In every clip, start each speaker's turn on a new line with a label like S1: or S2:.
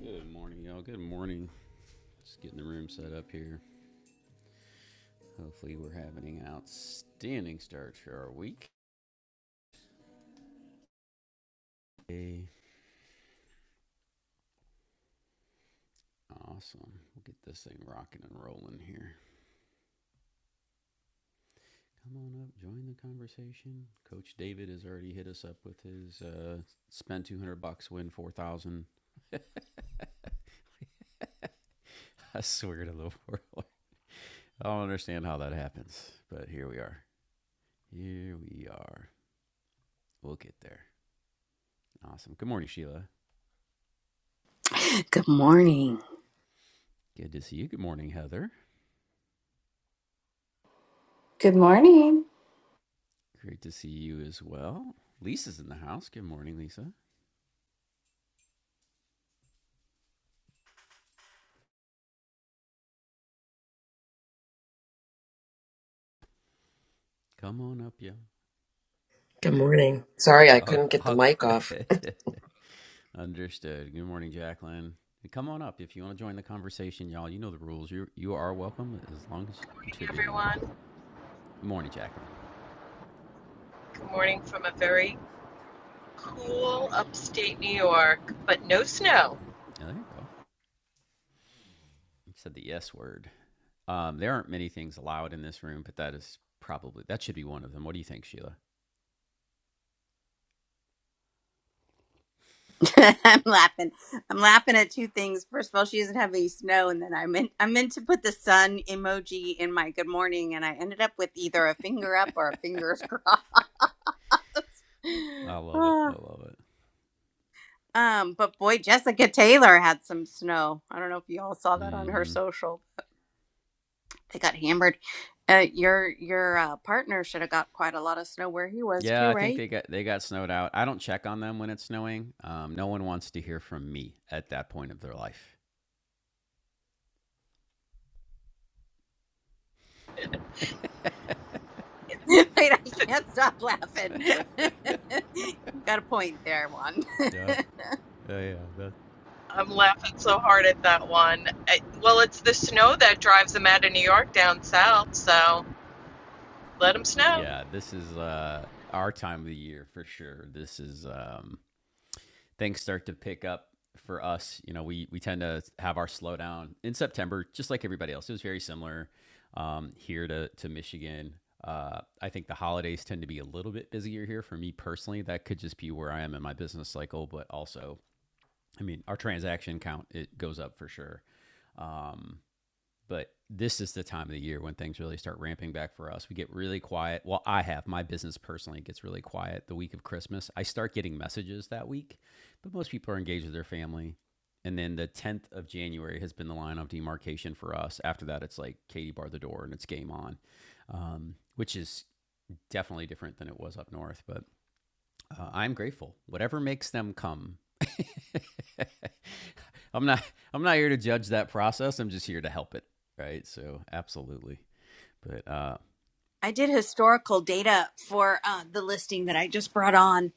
S1: Good morning, y'all. Good morning. Just getting the room set up here. Hopefully, we're having an outstanding start to our week. Hey, awesome. We'll get this thing rocking and rolling here. Come on up, join the conversation. Coach David has already hit us up with his uh, spend 200 bucks, win 4,000. I swear to the world. I don't understand how that happens, but here we are. Here we are. We'll get there. Awesome. Good morning, Sheila.
S2: Good morning.
S1: Good to see you. Good morning, Heather.
S3: Good morning.
S1: Great to see you as well. Lisa's in the house. Good morning, Lisa. Come on up, yo.
S4: Good morning. So
S1: All, all good. Understood. Good morning, Jacqueline. Come on up if you want to join the conversation, y'all. You know the rules. You you are welcome as long as you're
S5: morning,
S1: contributing.
S5: everyone.
S1: Good morning, Jacqueline.
S5: Good morning from a very cool upstate New York, but no snow.
S1: Yeah, there you go. You said the yes word. Um, there aren't many things allowed in this room, but that is probably that should be one of them. What do you think, Sheila?
S2: I'm laughing. I'm laughing at two things. First of all, she doesn't have any snow, and then I meant I meant to put the sun emoji in my good morning, and I ended up with either a finger up or a fingers crossed.
S1: I love it. I
S2: Ah.
S1: love it.
S2: um, but boy, Jessica Taylor had some snow. I don't know if you all saw that on her
S1: Mm-hmm.
S2: social. But they got hammered. Uh, your your uh, partner should have got quite a lot of snow where he was
S1: Yeah,
S2: too,
S1: I think
S2: right?
S1: they got they got snowed out. I don't check on them when it's snowing. Um, no one wants to hear from me at that point of their life.
S2: Wait, I can't stop laughing. Got a point there, Juan.
S1: Yeah, yeah, yeah. That
S5: I'm laughing so hard at that one. I, well, it's the snow that drives them out of New York down south, so let them snow.
S1: Yeah, this is uh, our time of the year for sure. This is um, things start to pick up for us. You know, we we tend to have our slowdown in September, just like everybody else. It was very similar um, here to to Michigan. Uh, I think the holidays tend to be a little bit busier here for me personally. That could just be where I am in my business cycle, but also I mean, our transaction count it goes up for sure, but this is the time of the year when things really start ramping back for us. We get really quiet. Well, I have my business personally gets really quiet the week of Christmas. I start getting messages that week, but most people are engaged with their family. And then the 10th of January has been the line of demarcation for us. After that, it's like Katie bar the door and it's game on, um, which is definitely different than it was up north. But uh, I'm grateful. Whatever makes them come I'm not I'm not here to judge that process. I'm just here to help it. Right. So absolutely. But uh
S2: I did historical data for uh, the listing that I just brought on,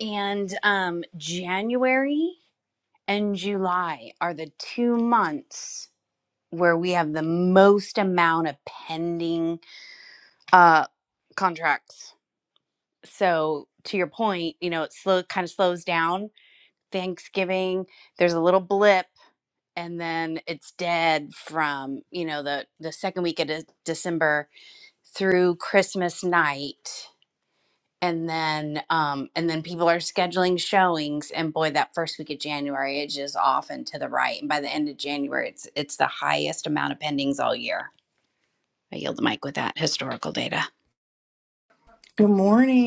S2: and um, January and July are the two months where we have the most amount of pending uh, contracts. So, to your point, you know, it slow kind of slows down. Thanksgiving, there's a little blip and then it's dead from you know the the second week of De- december through christmas night and then um and then people are scheduling showings and boy that first week of january it's just off and to the right and by the end of january it's it's the highest amount of pendings all year i yield the mic with that historical data
S6: Good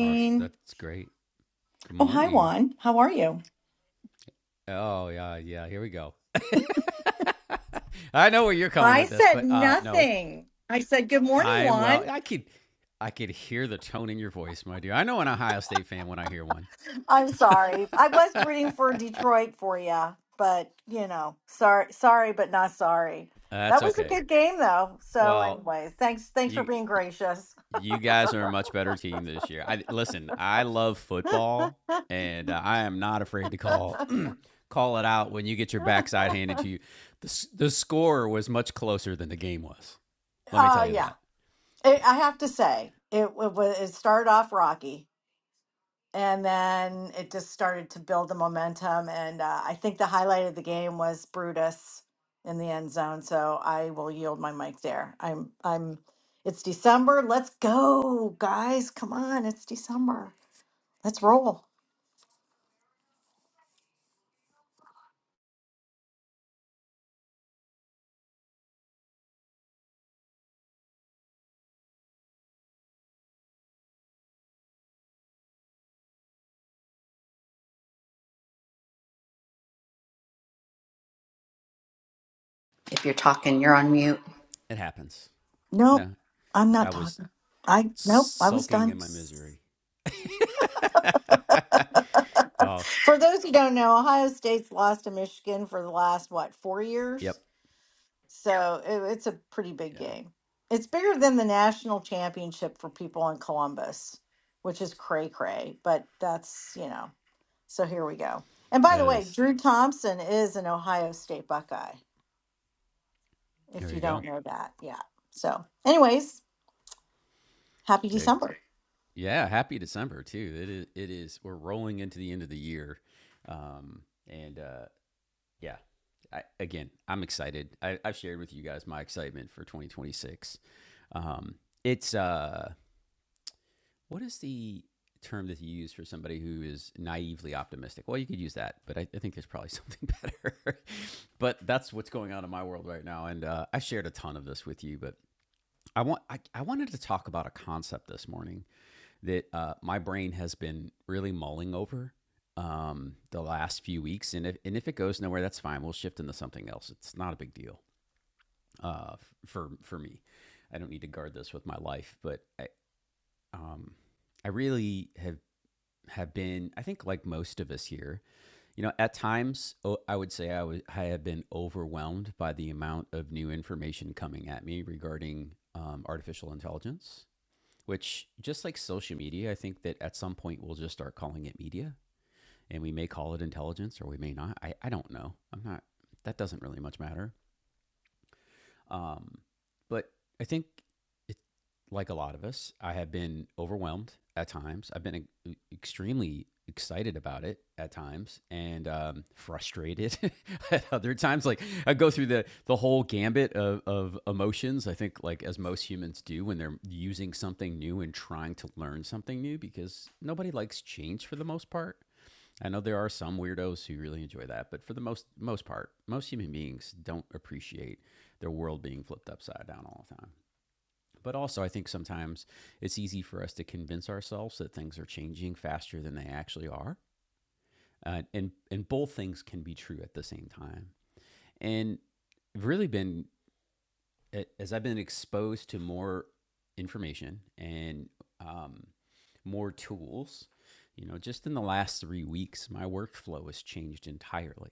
S1: oh that's that's great. Good
S6: Oh, hi,
S1: morning.
S6: Juan. How are you?
S1: Oh yeah, yeah, here we go. I know where you're coming
S6: I
S1: with this,
S6: said
S1: but uh no.
S6: nothing. I said, Good morning,
S1: I am
S6: Juan.
S1: well I could I could hear the tone in your voice, my dear. I know an Ohio State fan when I hear one.
S6: I'm sorry. I was rooting for Detroit for you, but you know, sorry, sorry, but not sorry.
S1: that's
S6: That was a
S1: okay.
S6: good game, though. So,
S1: Well,
S6: anyways, thanks, thanks for
S1: you
S6: being gracious.
S1: you guys are a much better team this year. I listen, I love
S6: uh,
S1: football and uh, I am not afraid to call call it out when you get your backside handed to you. The, the score was much closer than the game was. Let me tell you
S6: yeah, I
S1: that. Okay.
S6: I have to say, it, it was. It started off rocky, and then it just started to build the momentum. And uh, I think the highlight of the game was Brutus in the end zone. So I will yield my mic there. I'm I'm. It's December. Let's go, guys. Come on, it's December. Let's roll.
S2: if you're talking you're on mute
S1: It happens.
S6: Nope,
S1: No,
S6: I'm
S1: I
S6: not
S1: was
S6: talking. I nope. I was
S1: sulking
S6: done.
S1: in my misery. oh,
S6: For those who don't know, Ohio State's lost to Michigan for the last what four years
S1: yep.
S6: So it, it's a pretty big
S1: Yeah.
S6: game. It's bigger than the national championship for people in Columbus, which is cray cray, but that's, you know, so here we go. And by the
S1: That
S6: way,
S1: is.
S6: Drew Thompson is an Ohio State Buckeye, if
S1: There
S6: you
S1: you go.
S6: don't know that. Yeah. So, anyways, happy
S1: Jay.
S6: December.
S1: Yeah, happy December too. It is it is we're rolling into the end of the year. Um and uh yeah. I, again, I'm excited. I, I've shared with you guys my excitement for 2026. Um, it's uh, What is the term that you use for somebody who is naively optimistic? Well, you could use that, but I, I think there's probably something better. but that's what's going on in my world right now, and uh, I shared a ton of this with you. But I want I, I wanted to talk about a concept this morning that uh, my brain has been really mulling over um, the last few weeks, and if and if it goes nowhere, that's fine. We'll shift into something else. It's not a big deal uh, for for me. I don't need to guard this with my life, but I, um, I really have have been, I think, like most of us here, you know, at times oh, I would say I, was, I have been overwhelmed by the amount of new information coming at me regarding um, artificial intelligence, which, just like social media, I think that at some point we'll just start calling it media and we may call it intelligence or we may not. I, I don't know. I'm not, that doesn't really much matter. Um, but I think it, like a lot of us, I have been overwhelmed at times. I've been e- e-, extremely excited about it at times and um, frustrated at other times. Like I go through the the whole gambit of, of emotions. I think like as most humans do when they're using something new and trying to learn something new because nobody likes change for the most part. I know there are some weirdos who really enjoy that, but for the most most part, most human beings don't appreciate their world being flipped upside down all the time. But also, I think sometimes it's easy for us to convince ourselves that things are changing faster than they actually are, uh, and and both things can be true at the same time. And I've really been as I've been exposed to more information and um, more tools. You know, just in the last three weeks, my workflow has changed entirely.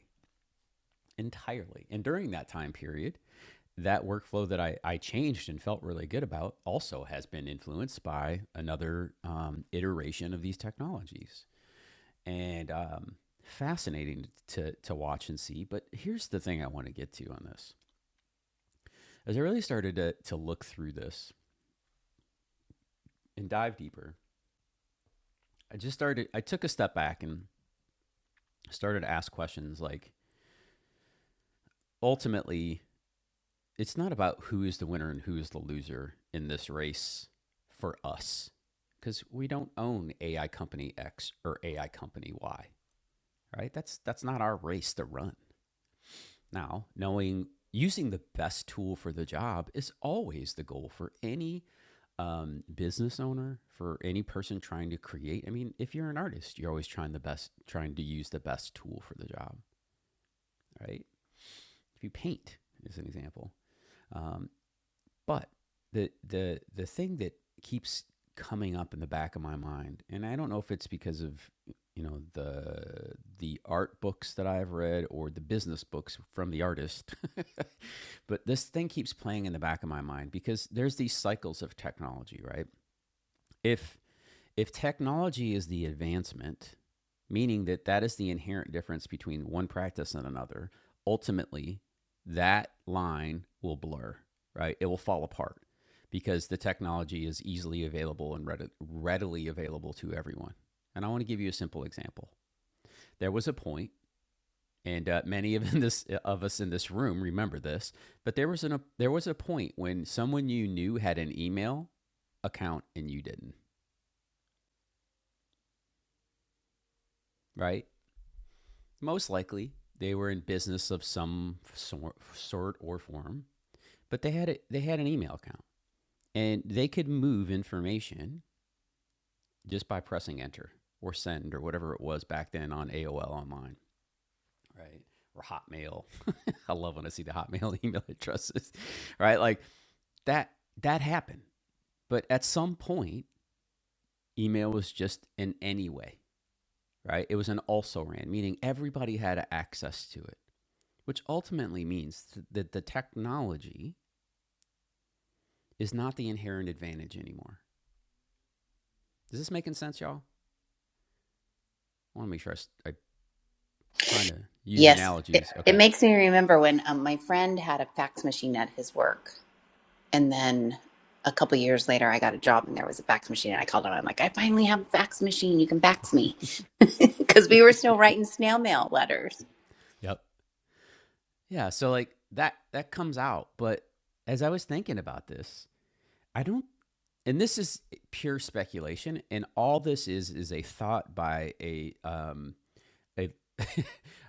S1: entirely. And during that time period, that workflow that I, I changed and felt really good about also has been influenced by another um, iteration of these technologies. And um, fascinating to, to watch and see. But here's the thing I want to get to on this. As I really started to, to look through this and dive deeper, I just started, I took a step back and started to ask questions like ultimately, it's not about who is the winner and who is the loser in this race for us because we don't own AI company X or AI company Y, right? That's that's not our race to run. Now, knowing using the best tool for the job is always the goal for any um, business owner, for any person trying to create. I mean, if you're an artist, you're always trying the best, trying to use the best tool for the job, right? If you paint, as an example, um, But the the the thing that keeps coming up in the back of my mind, and I don't know if it's because of you know the the art books that I've read or the business books from the artist, but this thing keeps playing in the back of my mind because there's these cycles of technology, right? If if technology is the advancement, meaning that that is the inherent difference between one practice and another, ultimately that line will blur, right? It will fall apart because the technology is easily available and readi- readily available to everyone. And I want to give you a simple example. There was a point, and uh, many of in this of us in this room remember this, but there was an a, there was a point when someone you knew had an email account and you didn't, right? Most likely, they were in business of some sor- sort or form, but they had a, they had an email account, and they could move information just by pressing enter or send or whatever it was back then on AOL online, right? Or Hotmail. I love when I see the Hotmail email addresses, right? Like that that happened, but at some point, email was just an anyway, right? It was an also ran, meaning everybody had access to it which ultimately means that the technology is not the inherent advantage anymore. Is this making sense, y'all? I want to make sure I' s- I'm trying to use
S2: yes it,
S1: analogies.
S2: it
S1: Okay.
S2: makes me remember when um, my friend had a fax machine at his work And then a couple of years later, I got a job and there was a fax machine. And I called him. I'm like, I finally have a fax machine. You can fax me. Because we were still writing snail mail letters
S1: Yep. Yeah, so like that that comes out, but as I was thinking about this, I don't and this is pure speculation and all this is is a thought by a um a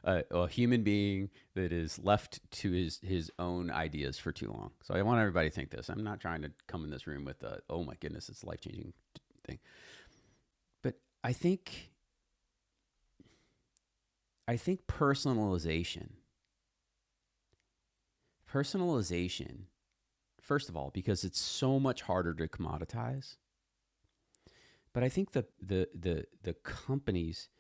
S1: a, a human being that is left to his his own ideas for too long. So I want everybody to think this. I'm not trying to come in this room with a oh my goodness, it's life changing thing. But I think I think personalization, personalization, first of all, because it's so much harder to commoditize. But I think the the the the companies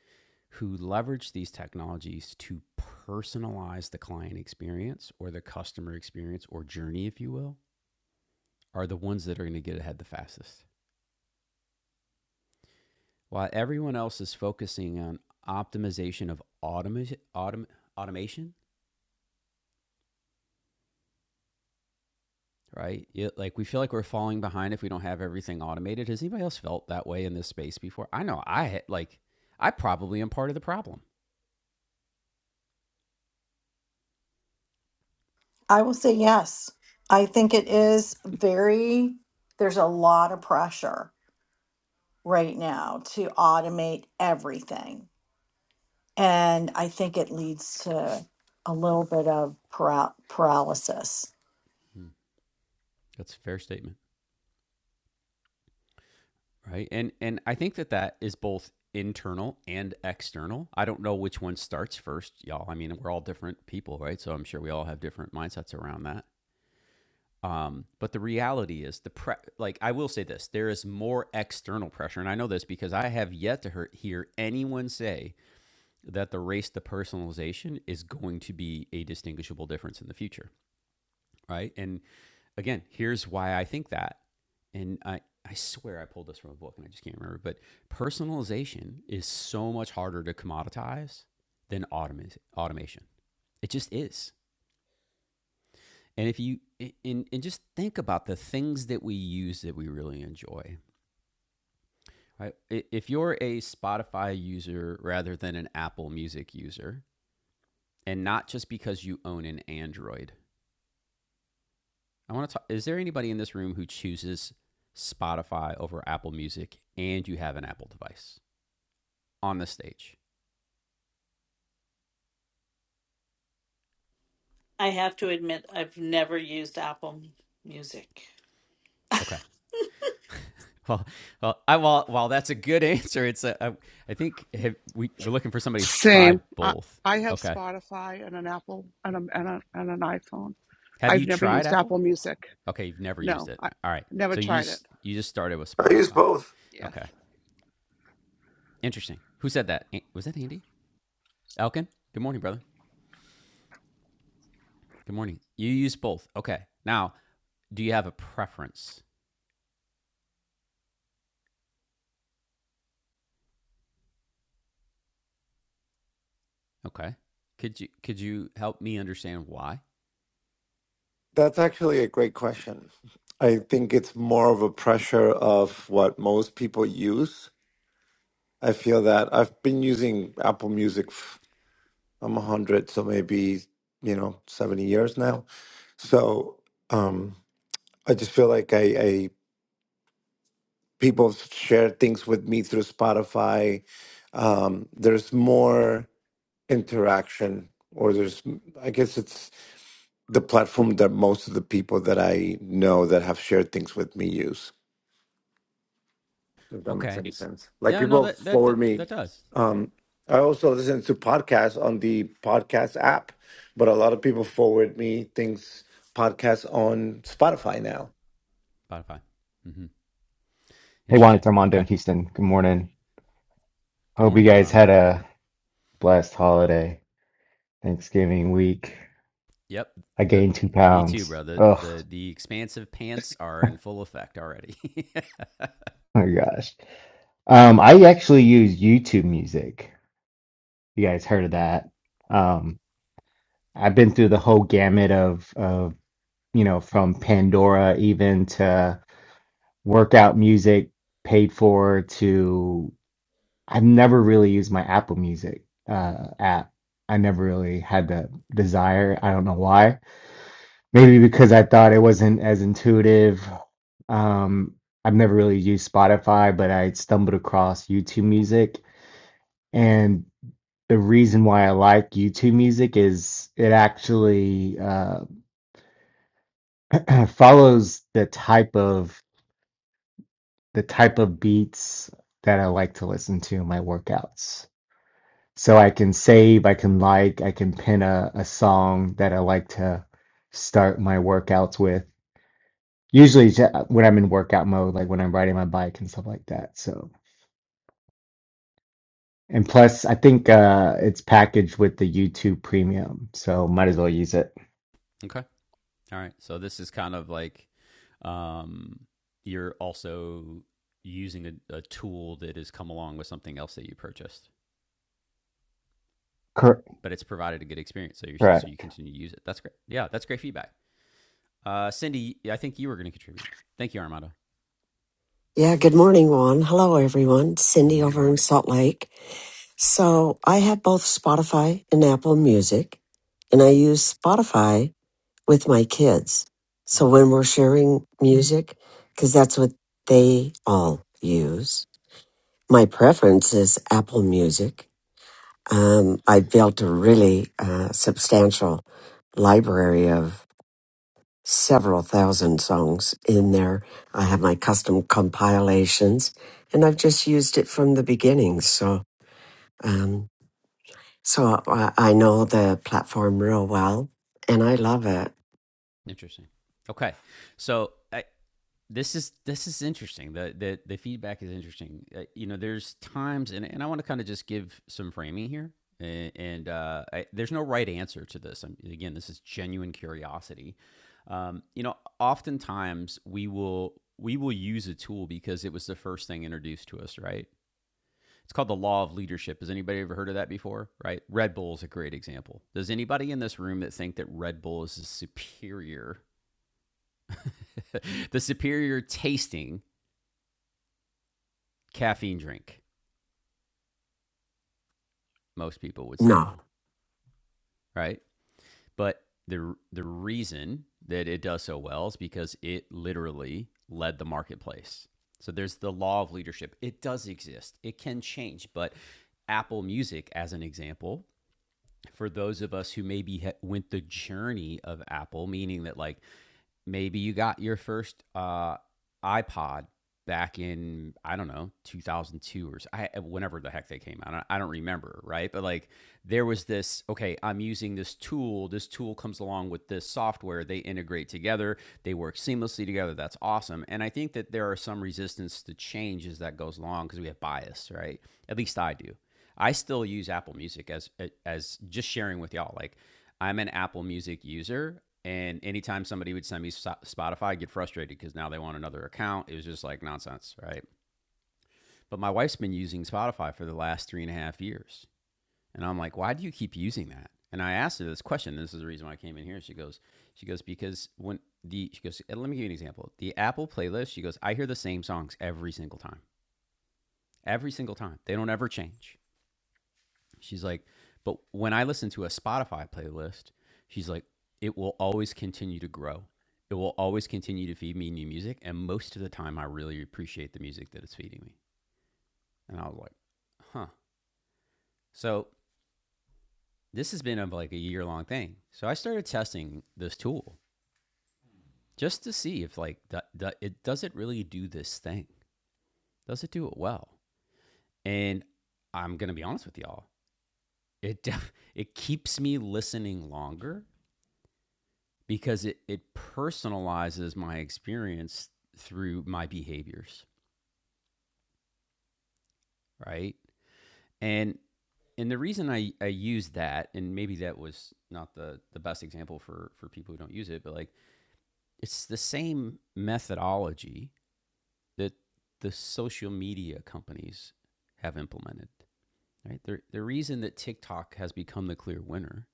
S1: who leverage these technologies to personalize the client experience or the customer experience or journey, if you will, are the ones that are going to get ahead the fastest. While everyone else is focusing on optimization of automa autom- automation, right? Yeah, like we feel like we're falling behind if we don't have everything automated. Has anybody else felt that way in this space before? I know I like I probably am part of the problem.
S6: I will say yes. I think it is very, there's a lot of pressure right now to automate everything And I think it leads to a little bit of para- paralysis.
S1: Hmm, That's a fair statement, right? And and I think that that is both internal and external. I don't know which one starts first, y'all. I mean, we're all different people, right? So I'm sure we all have different mindsets around that. Um, but the reality is the pre- like I will say this, there is more external pressure, and I know this because I have yet to hear, anyone say that the race to personalization is going to be a distinguishable difference in the future, right? And again, here's why I think that, and I I swear I pulled this from a book and I just can't remember, but personalization is so much harder to commoditize than automa- automation. It just is And if you and, and just think about the things that we use that we really enjoy. Right? If you're a Spotify user rather than an Apple Music user, and not just because you own an Android, I want to talk. Is there anybody in this room who chooses Spotify over Apple Music and you have an Apple device on the stage?
S7: I have to admit, I've never used Apple Music.
S1: Okay. Well, well, I, well, while that's a good answer, it's a I I think have, we we're looking for somebody who's tried both. Okay. Have you tried Apple? Okay, you've never used it. All right. So you just you just started with
S8: I use
S1: Spotify.
S8: both.
S1: Okay. Interesting. Who said that? Was that Andy? Elkin? Good morning, brother. Good morning. You use both. Okay. Now, do you have a preference? Okay. Could you could you help me understand why?
S8: That's actually a great question. I think it's more of a pressure of what most people use. I feel that I've been using Apple Music. f- I'm 100, so maybe you know 70 years now. So um, I just feel like I, I people share things with me through Spotify. Um, there's more interaction, or there's I guess it's. the platform that most of the people that I know that have shared things with me use. If that makes
S1: Okay.
S8: any sense. Like
S1: Yeah, no,
S8: people
S1: that that
S8: forward
S1: that
S8: me.
S1: does.
S8: Um, I also listen to podcasts on the podcast app, but a lot of people forward me things, podcasts on Spotify now.
S1: Spotify. Mhm.
S9: Hey Juan,
S1: Interesting.
S9: it's Armando in
S1: Okay.
S9: Houston. Good morning.
S1: Good
S9: Hope you
S1: morning,
S9: guys
S1: Orlando.
S9: had a blessed holiday, Thanksgiving week.
S1: Yep.
S9: I
S1: The
S9: gained two
S1: me too,
S9: pounds.
S1: bro. The
S9: Ugh, oh
S1: the the expansive pants are in full effect already.
S9: my gosh. Um, I actually use YouTube Music. You guys heard of that? Um, I've been through the whole gamut of of you know from Pandora even to workout music paid for to I've never really used my Apple Music
S1: Mm,
S9: uh app. I never really had the desire. I don't know why Maybe because I thought it wasn't as intuitive. Um, I've never really used Spotify, but I stumbled across YouTube Music. And the reason why I like YouTube Music is it actually uh, follows the type of the type of beats that I like to listen to in my workouts. So I can save, I can like, I can pin a, a song that I like to start my workouts with Usually it's uh, when I'm in workout mode, like when I'm riding my bike and stuff like that. So, and plus, I think uh, it's packaged with the YouTube Premium, so might as well use it.
S1: Okay. All right. So this is kind of like um, you're also using a, a tool that has come along with something else that you purchased,
S9: Cor-
S1: but it's provided a good experience, so you so you
S9: correct.
S1: continue to use it. That's great. Yeah, that's great feedback. Uh, Cindy, I think you were going to contribute. Thank you, Armando.
S10: Yeah, good morning, Juan. Hello, everyone.
S1: Good
S10: Cindy over
S1: morning.
S10: in Salt Lake. So I have both Spotify and Apple Music, and I use Spotify with my kids. So
S1: Mm,
S10: when we're sharing music, because that's what they all use, my preference is Apple Music. Um, I built a really uh, substantial library of several thousand songs in there. I have my custom compilations, and I've just used it from the beginning. So, um, so I, I know the platform real well, and I love it.
S1: interesting. Okay, so I, this is this is interesting. The the the feedback is interesting. Uh, you know, there's times, and, and I want to kind of just give some framing here. And, and uh, I, there's no right answer to this. i again, this is genuine curiosity. Um, you know, oftentimes we will we will use a tool because it was the first thing introduced to us, right? It's called the law of leadership. Has anybody ever heard of that before? Right? Red Bull is a great example. Does anybody in this room that think that Red Bull is the superior, the superior tasting caffeine drink. Most people would say
S10: No.
S1: no, right? But the the reason that it does so well is because it literally led the marketplace. So there's the law of leadership. It does exist. It can change, but Apple Music as an example, for those of us who maybe went the journey of Apple, meaning that like maybe you got your first uh, iPod back in I don't know 2002 or so, I, whenever the heck they came out. I don't, I don't remember, right? But like there was this okay, I'm using this tool. This tool comes along with this software. They integrate together. They work seamlessly together. That's awesome. And I think that there are some resistance to change as that goes along because we have bias, right? At least I do. I still use Apple Music as as just sharing with y'all. Like I'm an Apple Music user, and anytime somebody would send me Spotify, I'd get frustrated because now they want another account. It was just like nonsense, right? But my wife's been using Spotify for the last three and a half years. And I'm like, why do you keep using that? And I asked her this question. This is the reason why I came in here. She goes, she goes, because when the, she goes, let me give you an example. The Apple playlist, she goes, I hear the same songs every single time, every single time. They don't ever change. She's like, but when I listen to a Spotify playlist, she's like, it will always continue to grow. It will always continue to feed me new music. And most of the time, I really appreciate the music that it's feeding me. And I was like, huh. So this has been a, like a year long thing. So I started testing this tool just to see if like the, the, it does it really do this thing? Does it do it well? And I'm gonna be honest with y'all. It def- it keeps me listening longer because it, it personalizes my experience through my behaviors, right? And and the reason I, I use that, and maybe that was not the, the best example for, for people who don't use it, but like it's the same methodology that the social media companies have implemented. Right? The, the reason that TikTok has become the clear winner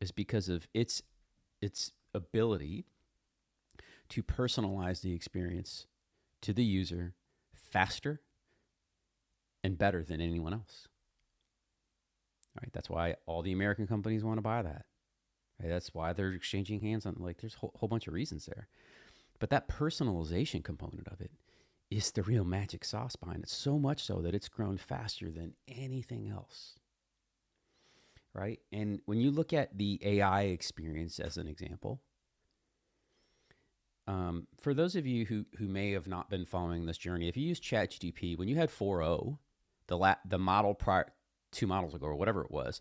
S1: is because of its its ability to personalize the experience to the user faster and better than anyone else. Right? That's why all the American companies want to buy that. Right? That's why they're exchanging hands on like there's a whole, whole bunch of reasons there. But that personalization component of it is the real magic sauce behind it. So much so that it's grown faster than anything else. Right. And when you look at the AI experience as an example, um, for those of you who, who may have not been following this journey, if you use ChatGPT, when you had 4.0, the, la- the model prior, two models ago or whatever it was,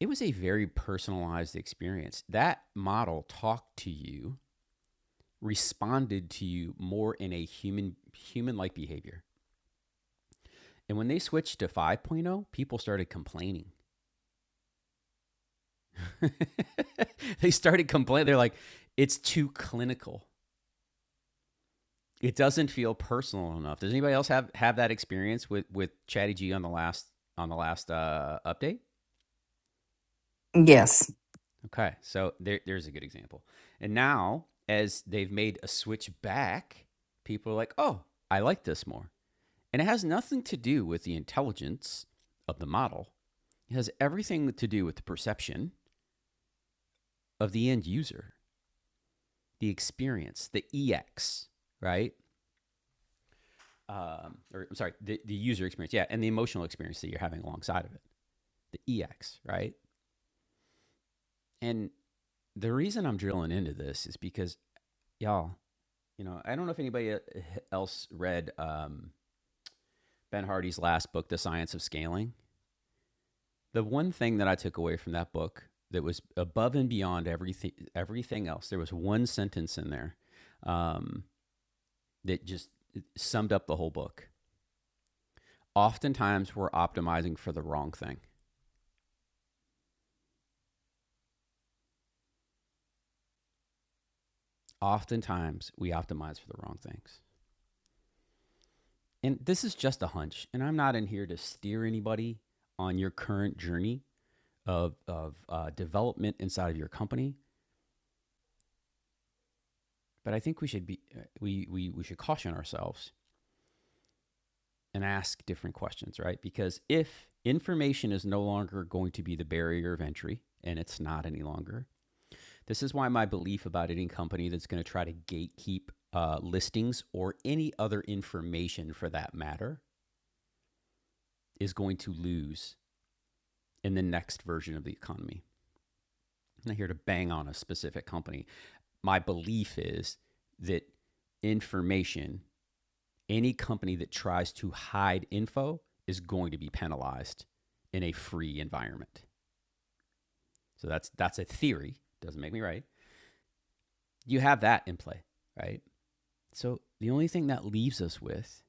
S1: it was a very personalized experience. That model talked to you, responded to you more in a human human like behavior. And when they switched to 5.0, point oh, people started complaining. they started complaining. They're like, it's too clinical. It doesn't feel personal enough. Does anybody else have have that experience with with Chatty G on the last on the last uh, update?
S11: yes
S1: Okay, so there, there's a good example. And now, as they've made a switch back, people are like, oh, I like this more. And it has nothing to do with the intelligence of the model, it has everything to do with the perception of the end user, the experience, the EX, right? Um, or I'm sorry, the, the user experience, yeah, and the emotional experience that you're having alongside of it, the EX, right? And the reason I'm drilling into this is because, y'all, You know, I don't know if anybody uh, else read um, Ben Hardy's last book, The Science of Scaling. The one thing that I took away from that book that was above and beyond everything everything else, there was one sentence in there um, that just summed up the whole book. Oftentimes, we're optimizing for the wrong thing. Oftentimes, we optimize for the wrong things. And this is just a hunch, and I'm not in here to steer anybody on your current journey of, of uh, development inside of your company But I think we should be uh, we we we should caution ourselves and ask different questions, right? Because if information is no longer going to be the barrier of entry and it's not any longer. This is why my belief about any company that's going to try to gatekeep uh, listings or any other information for that matter is going to lose in the next version of the economy. I'm not here to bang on a specific company. My belief is that information any company that tries to hide info is going to be penalized in a free environment. So that's that's a theory, doesn't make me right. You have that in play, right? So the only thing that leaves us with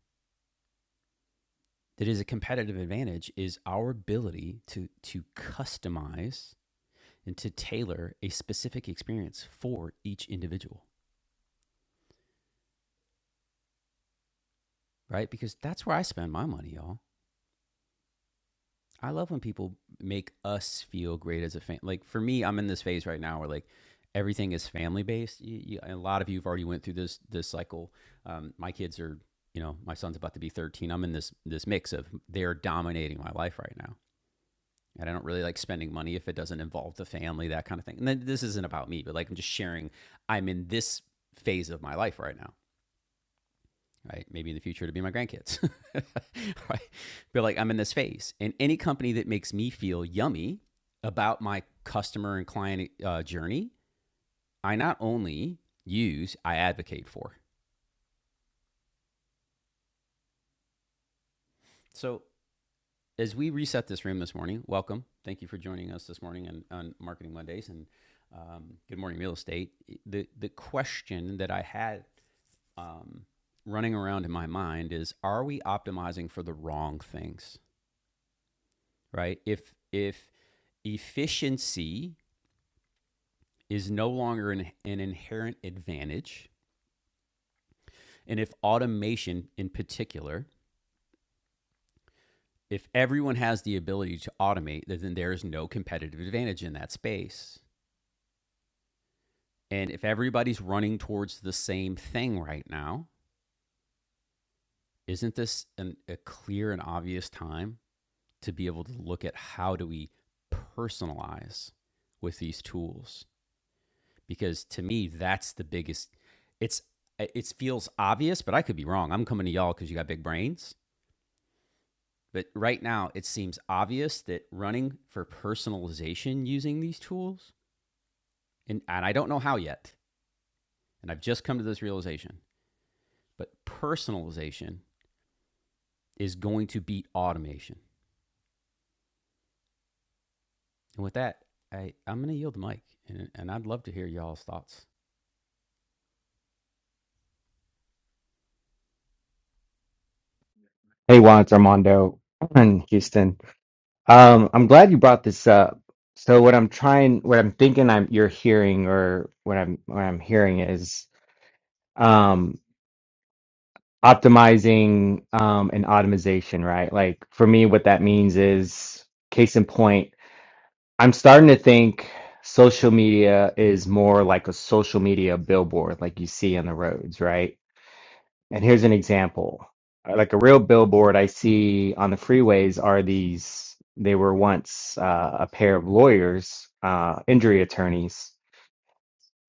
S1: that is a competitive advantage is our ability to to customize and to tailor a specific experience for each individual, right? Because that's where I spend my money, y'all. I love when people make us feel great as a fan. Like for me, I'm in this phase right now where like everything is family based. You, you, and a lot of you have already went through this this cycle. Um, my kids are, you know, my son's about to be 13. I'm in this this mix of they're dominating my life right now, and I don't really like spending money if it doesn't involve the family, that kind of thing. And then this isn't about me, but like I'm just sharing. I'm in this phase of my life right now right? Maybe in the future to be my grandkids, right? But like I'm in this phase, and any company that makes me feel yummy about my customer and client uh, journey, I not only use, I advocate for. So as we reset this room this morning, welcome. Thank you for joining us this morning on, on Marketing Mondays and um, Good Morning Real Estate. The the question that I had. Um, running around in my mind is are we optimizing for the wrong things right? If if efficiency is no longer an, an inherent advantage, and if automation in particular, if everyone has the ability to automate, then there is no competitive advantage in that space. And if everybody's running towards the same thing right now, isn't this an, a clear and obvious time to be able to look at how do we personalize with these tools because to me that's the biggest it's it feels obvious but i could be wrong i'm coming to y'all because you got big brains but right now it seems obvious that running for personalization using these tools and, and i don't know how yet and i've just come to this realization but personalization is going to beat automation and with that i i'm going to yield the mic and, and i'd love to hear y'all's thoughts
S9: Hey, Juan, it's Armando in Houston. Um, I'm glad you brought this up. So, what I'm trying, what I'm thinking, I'm you're hearing, or what I'm what I'm hearing is um, optimizing um, and automation, right? Like for me, what that means is case in point. I'm starting to think social media is more like a social media billboard, like you see on the roads, right? And here's an example. Uh, Like a real billboard I see on the freeways are these, they were once uh, a pair of lawyers, uh, injury attorneys,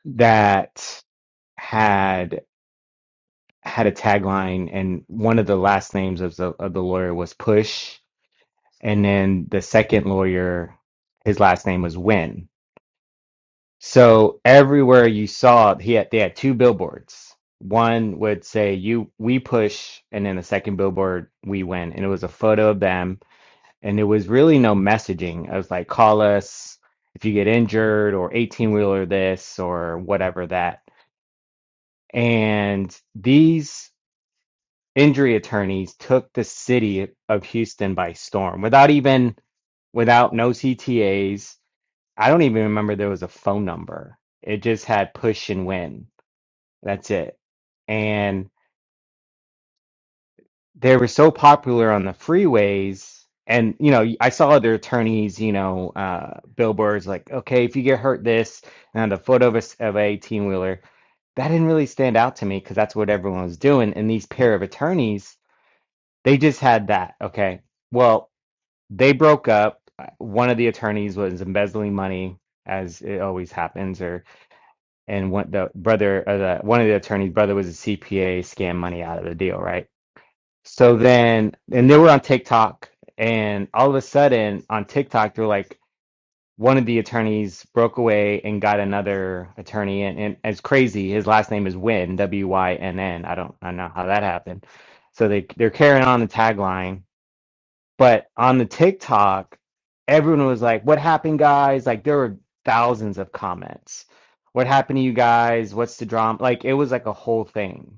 S9: that had had a tagline, and one of the last names of the of the lawyer was Push, and then the second lawyer, his last name was Win So everywhere you saw, he had they had two billboards. One would say you we push, and then the second billboard we win, and it was a photo of them, and there was really no messaging. It was like call us if you get injured, or eighteen wheeler this, or whatever that. And these injury attorneys took the city of Houston by storm without even without no CTAs. I don't even remember there was a phone number. It just had push and win That's it. And they were so popular on the freeways. And, you know, I saw other attorneys, you know, uh, billboards like, okay, if you get hurt this, and a photo of a, s- of a eighteen wheeler. That didn't really stand out to me because that's what everyone was doing. And these pair of attorneys, they just had that. Okay. Well, they broke up. Uh, One of the attorneys was embezzling money, as it always happens, or, and one, the brother, uh, the, one of the attorney's brother was a CPA, scam money out of the deal, right? So then, and they were on TikTok, and all of a sudden on TikTok, they're like, one of the attorneys broke away and got another attorney, and, and it's crazy. His last name is Wynn, W Y N N. I don't, I don't know how that happened. So they they're carrying on the tagline, but on the TikTok, everyone was like, "What happened, guys?" Like there were thousands of comments. What happened to you guys? What's the drama? Like it was like a whole thing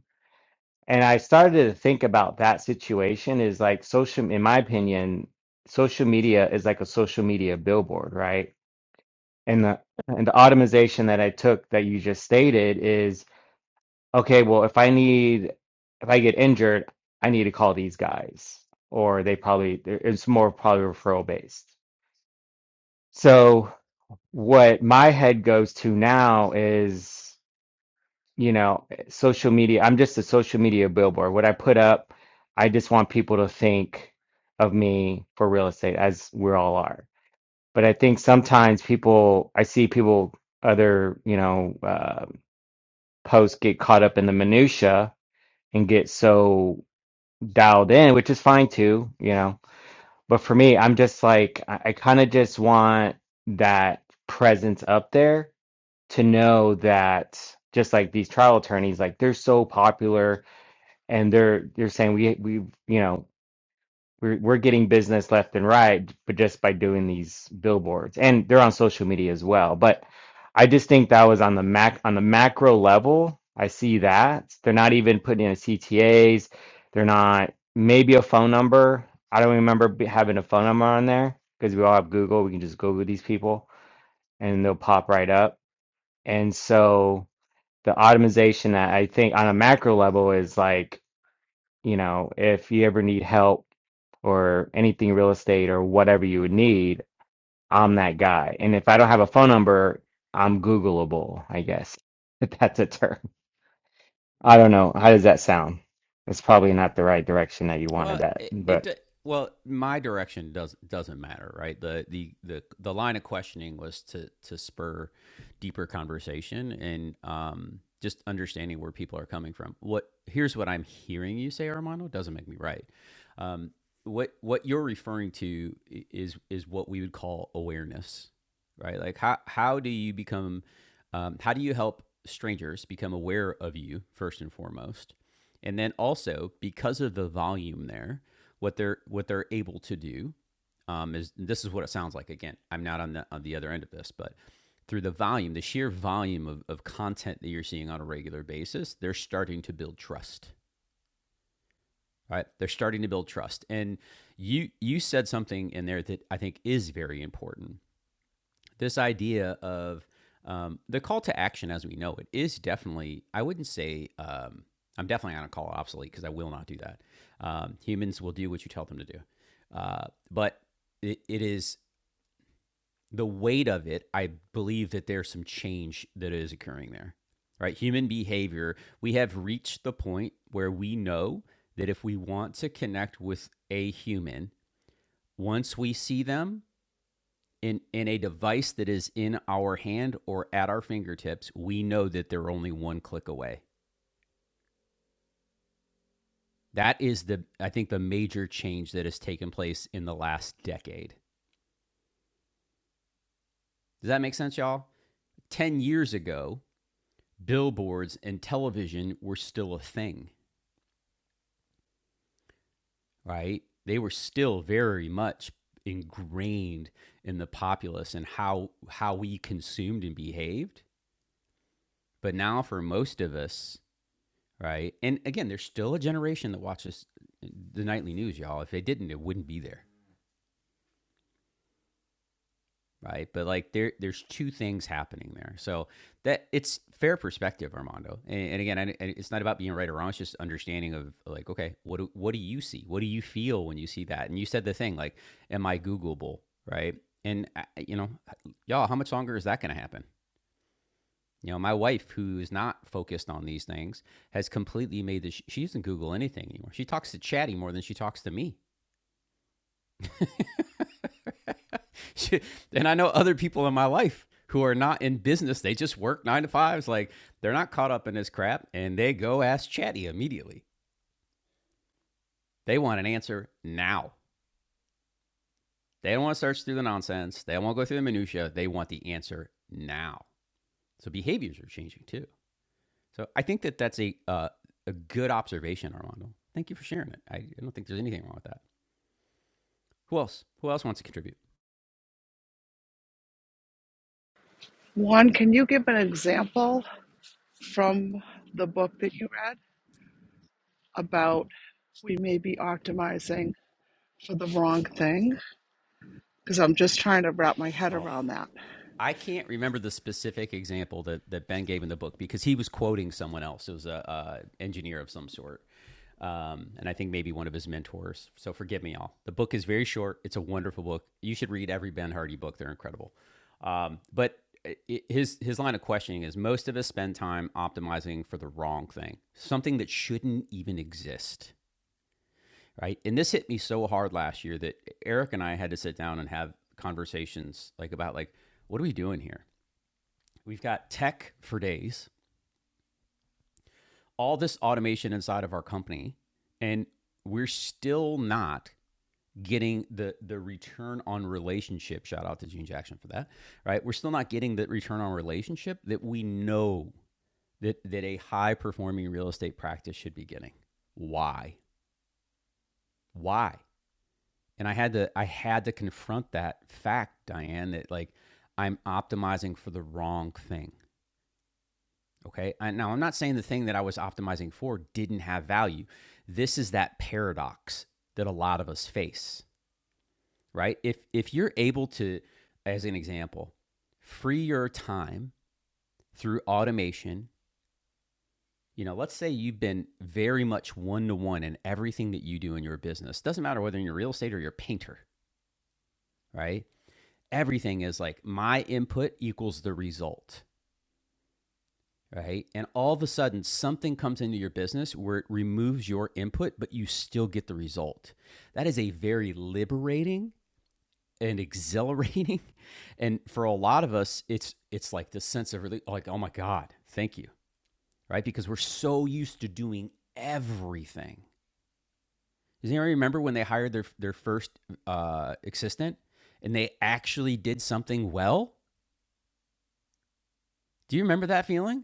S9: and I started to think about that situation is like social, in my opinion, social media is like a social media billboard, right? And the and the automation that I took that you just stated is okay, well, if I need if I get injured, I need to call these guys. Or they probably there- it's more probably referral based. So what my head goes to now is you know, social media. I'm just a social media billboard. What I put up, I just want people to think of me for real estate, as we all are. But I think sometimes people, I see people, other, you know, uh, posts get caught up in the minutia and get so dialed in, which is fine too, you know. But for me, I'm just like, I, I kind of just want that presence up there to know that just like these trial attorneys, like they're so popular and they're they're saying we we you know we're we're getting business left and right but just by doing these billboards and they're on social media as well but i just think that was on the mac on the macro level i see that they're not even putting in ctas they're not maybe a phone number i don't remember be- having a phone number on there because we all have google we can just google these people and they'll pop right up and so the automation that i think on a macro level is like you know, if you ever need help or anything real estate or whatever you would need, I'm that guy. And if I don't have a phone number, I'm Googleable, I guess. If that's a term. I don't know. How does that sound? It's probably not the right direction that you wanted
S1: Well,
S9: that,
S1: it,
S9: but.
S1: it well, my direction does not doesn't matter, right? The the the the line of questioning was to to spur deeper conversation and um just understanding where people are coming from. What here's what I'm hearing you say, Armando, doesn't make me right. Um, what what you're referring to is is what we would call awareness, right? Like how how do you become um, how do you help strangers become aware of you first and foremost? And then also because of the volume there, what they're what they're able to do um, is this is what it sounds like. Again, I'm not on the on the other end of this, but through the volume, the sheer volume of, of content that you're seeing on a regular basis, they're starting to build trust. Right? They're starting to build trust. And you you said something in there that I think is very important this idea of um, the call to action as we know it is definitely i wouldn't say um, i'm definitely not going to call it obsolete because i will not do that um, humans will do what you tell them to do uh, but it, it is the weight of it i believe that there's some change that is occurring there right human behavior we have reached the point where we know that if we want to connect with a human once we see them in in a device that is in our hand or at our fingertips, we know that they're only one click away. That is the I think the major change that has taken place in the last decade. Does that make sense, y'all? 10 years ago, billboards and television were still a thing, right? They were still very much ingrained in the populace and how how we consumed and behaved. But now for most of us, right? And again, there's still a generation that watches the nightly news, y'all. If they didn't, it wouldn't be there, right? But like there, there's two things happening there. So that it's fair perspective, Armando. And, and again, I, it's not about being right or wrong. It's just understanding of like, okay, what do, what do you see? What do you feel when you see that? And you said the thing like, am I Googleable, right? And uh, you know, y'all, how much longer is that going to happen? You know, my wife, who's not focused on these things, has completely made this. She doesn't Google anything anymore. She talks to Chatty more than she talks to me. She, and I know other people in my life who are not in business. They just work nine to fives. Like they're not caught up in this crap and they go ask Chatty immediately. They want an answer now. They don't want to search through the nonsense. They don't want to go through the minutia. They want the answer now. So behaviors are changing too. So I think that that's a, uh, a good observation, Armando. Thank you for sharing it. I I don't think there's anything wrong with that. Who else? Who else wants to contribute? Oh, I can't remember the specific example that, that Ben gave in the book because he was quoting someone else. It was a, uh engineer of some sort, um, and I think maybe one of his mentors. So forgive me, all. The book is very short. It's a wonderful book. You should read every Ben Hardy book. They're incredible. Um, but i- his his line of questioning is most of us spend time optimizing for the wrong thing, something that shouldn't even exist. right? And this hit me so hard last year that Eric and I had to sit down and have conversations like about like what are we doing here? We've got tech for days, all this automation inside of our company, and we're still not getting the the return on relationship. Shout out to Gene Jackson for that, right? We're still not getting the return on relationship that we know that that a high performing real estate practice should be getting. Why? Why? and I had to I had to confront that fact, Diane, that like I'm optimizing for the wrong thing. Okay. I, now I'm not saying the thing that I was optimizing for didn't have value. This is that paradox that a lot of us face, right? If if you're able to, as an example, free your time through automation you know let's say you've been very much one to one in everything that you do in your business doesn't matter whether you're real estate or you're a painter right everything is like my input equals the result, right? And all of a sudden, something comes into your business where it removes your input, but you still get the result. That is a very liberating and exhilarating, and for a lot of us, it's it's like this sense of really like, oh my god, thank you, right? Because we're so used to doing everything. Does anyone remember when they hired their their first uh, assistant and they actually did something well? Do you remember that feeling?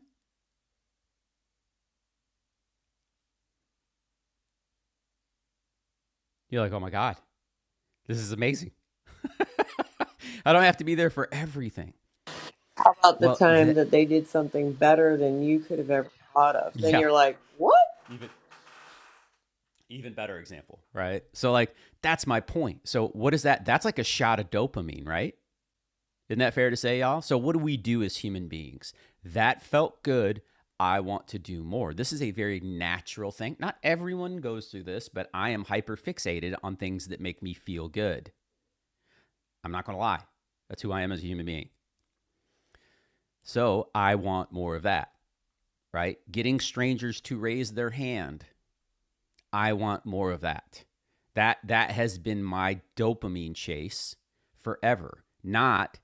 S1: You're like, oh my God, this is amazing. I don't have to be there for everything.
S12: about the
S1: Well,
S12: time
S1: that,
S12: that they did something better than you could have ever thought of. Then
S1: yeah,
S12: you're like, what?
S1: even better example, right? So, like, that's my point. So, what is that? That's like a shot of dopamine, right? Isn't that fair to say, y'all? So, what do we do as human beings? That felt good. I want to do more. This is a very natural thing. Not everyone goes through this, but I am hyper fixated on things that make me feel good. I'm not going to lie. That's who I am as a human being. So I want more of that. right? Getting strangers to raise their hand. I want more of that. That that has been my dopamine chase forever. Not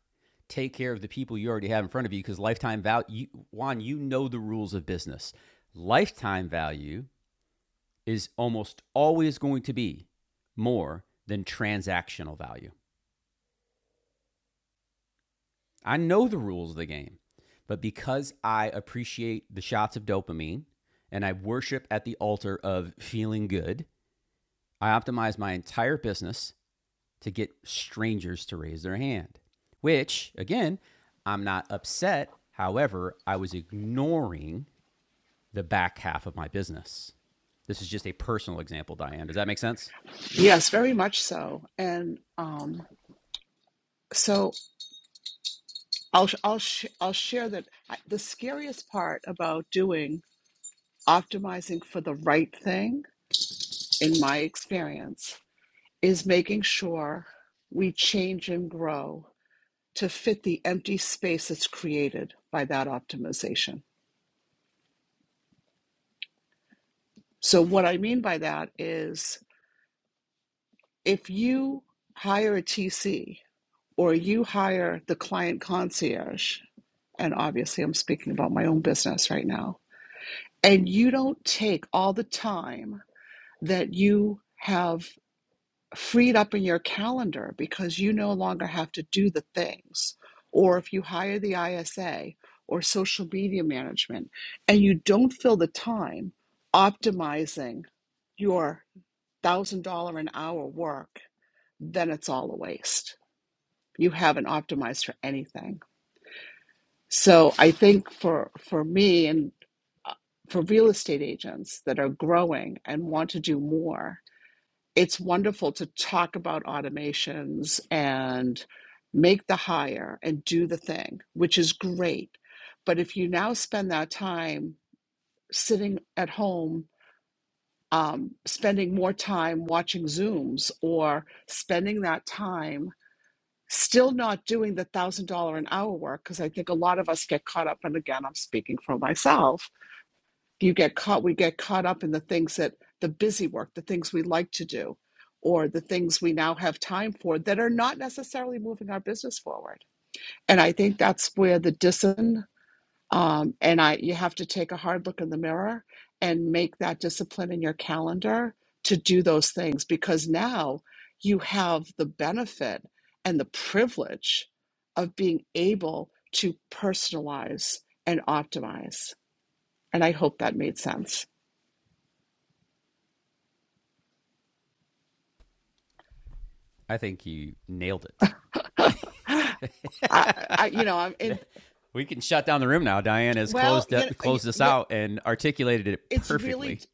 S1: take care of the people you already have in front of you because lifetime value you, Juan, you know the rules of business. Lifetime value is almost always going to be more than transactional value. I know the rules of the game, but because I appreciate the shots of dopamine and I worship at the altar of feeling good, I optimized my entire business to get strangers to raise their hand, which, again, I'm not upset. However, I was ignoring the back half of my business. This is just a personal example, Diane. Does that make sense? I think you nailed it. we can shut down the room now. Diane has closed, de- closed this out and articulated it perfectly.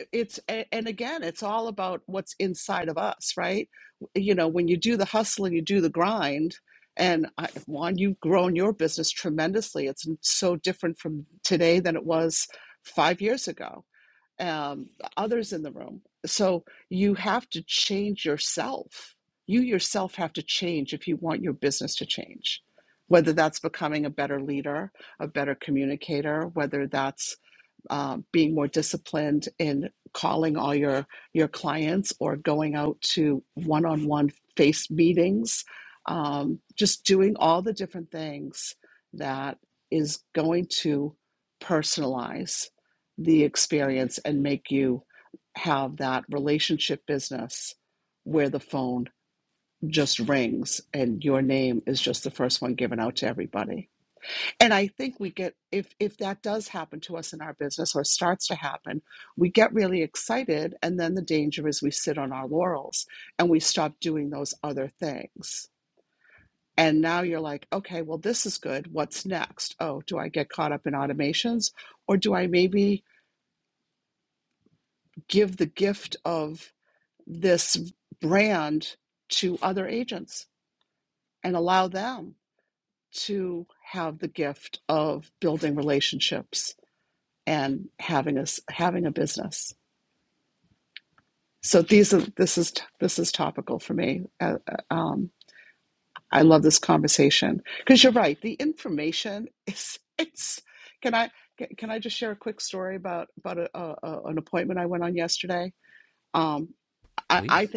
S1: Please.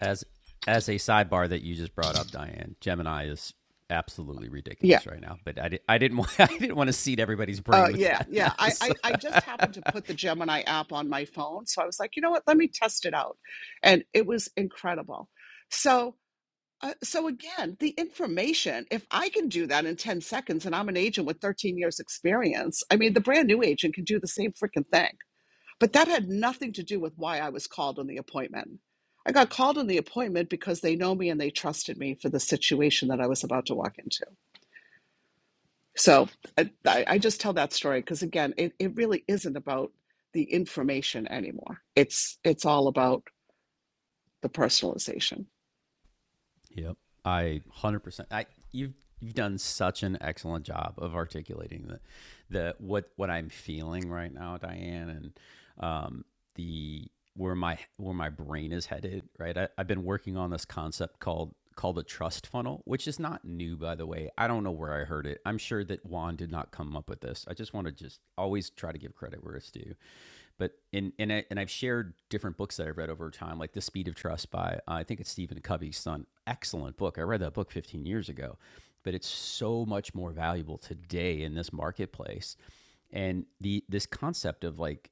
S1: as as a sidebar that you just brought up, Diane, Gemini is absolutely ridiculous right now. But I, di- I didn't want I didn't want to seed everybody's brain with that mess. Yep. I 100%. I you've you've done such an excellent job of articulating the the what what I'm feeling right now, Diane, and um the where my where my brain is headed, right? I, I've been working on this concept called called a trust funnel, which is not new, by the way. I don't know where I heard it. I'm sure that Juan did not come up with this. I just want to just always try to give credit where it's due but in and I, and I've shared different books that I've read over time, like The Speed of Trust by uh, I think it's Stephen Covey's son. Excellent book. I read that book 15 years ago, but it's so much more valuable today in this marketplace. And the this concept of like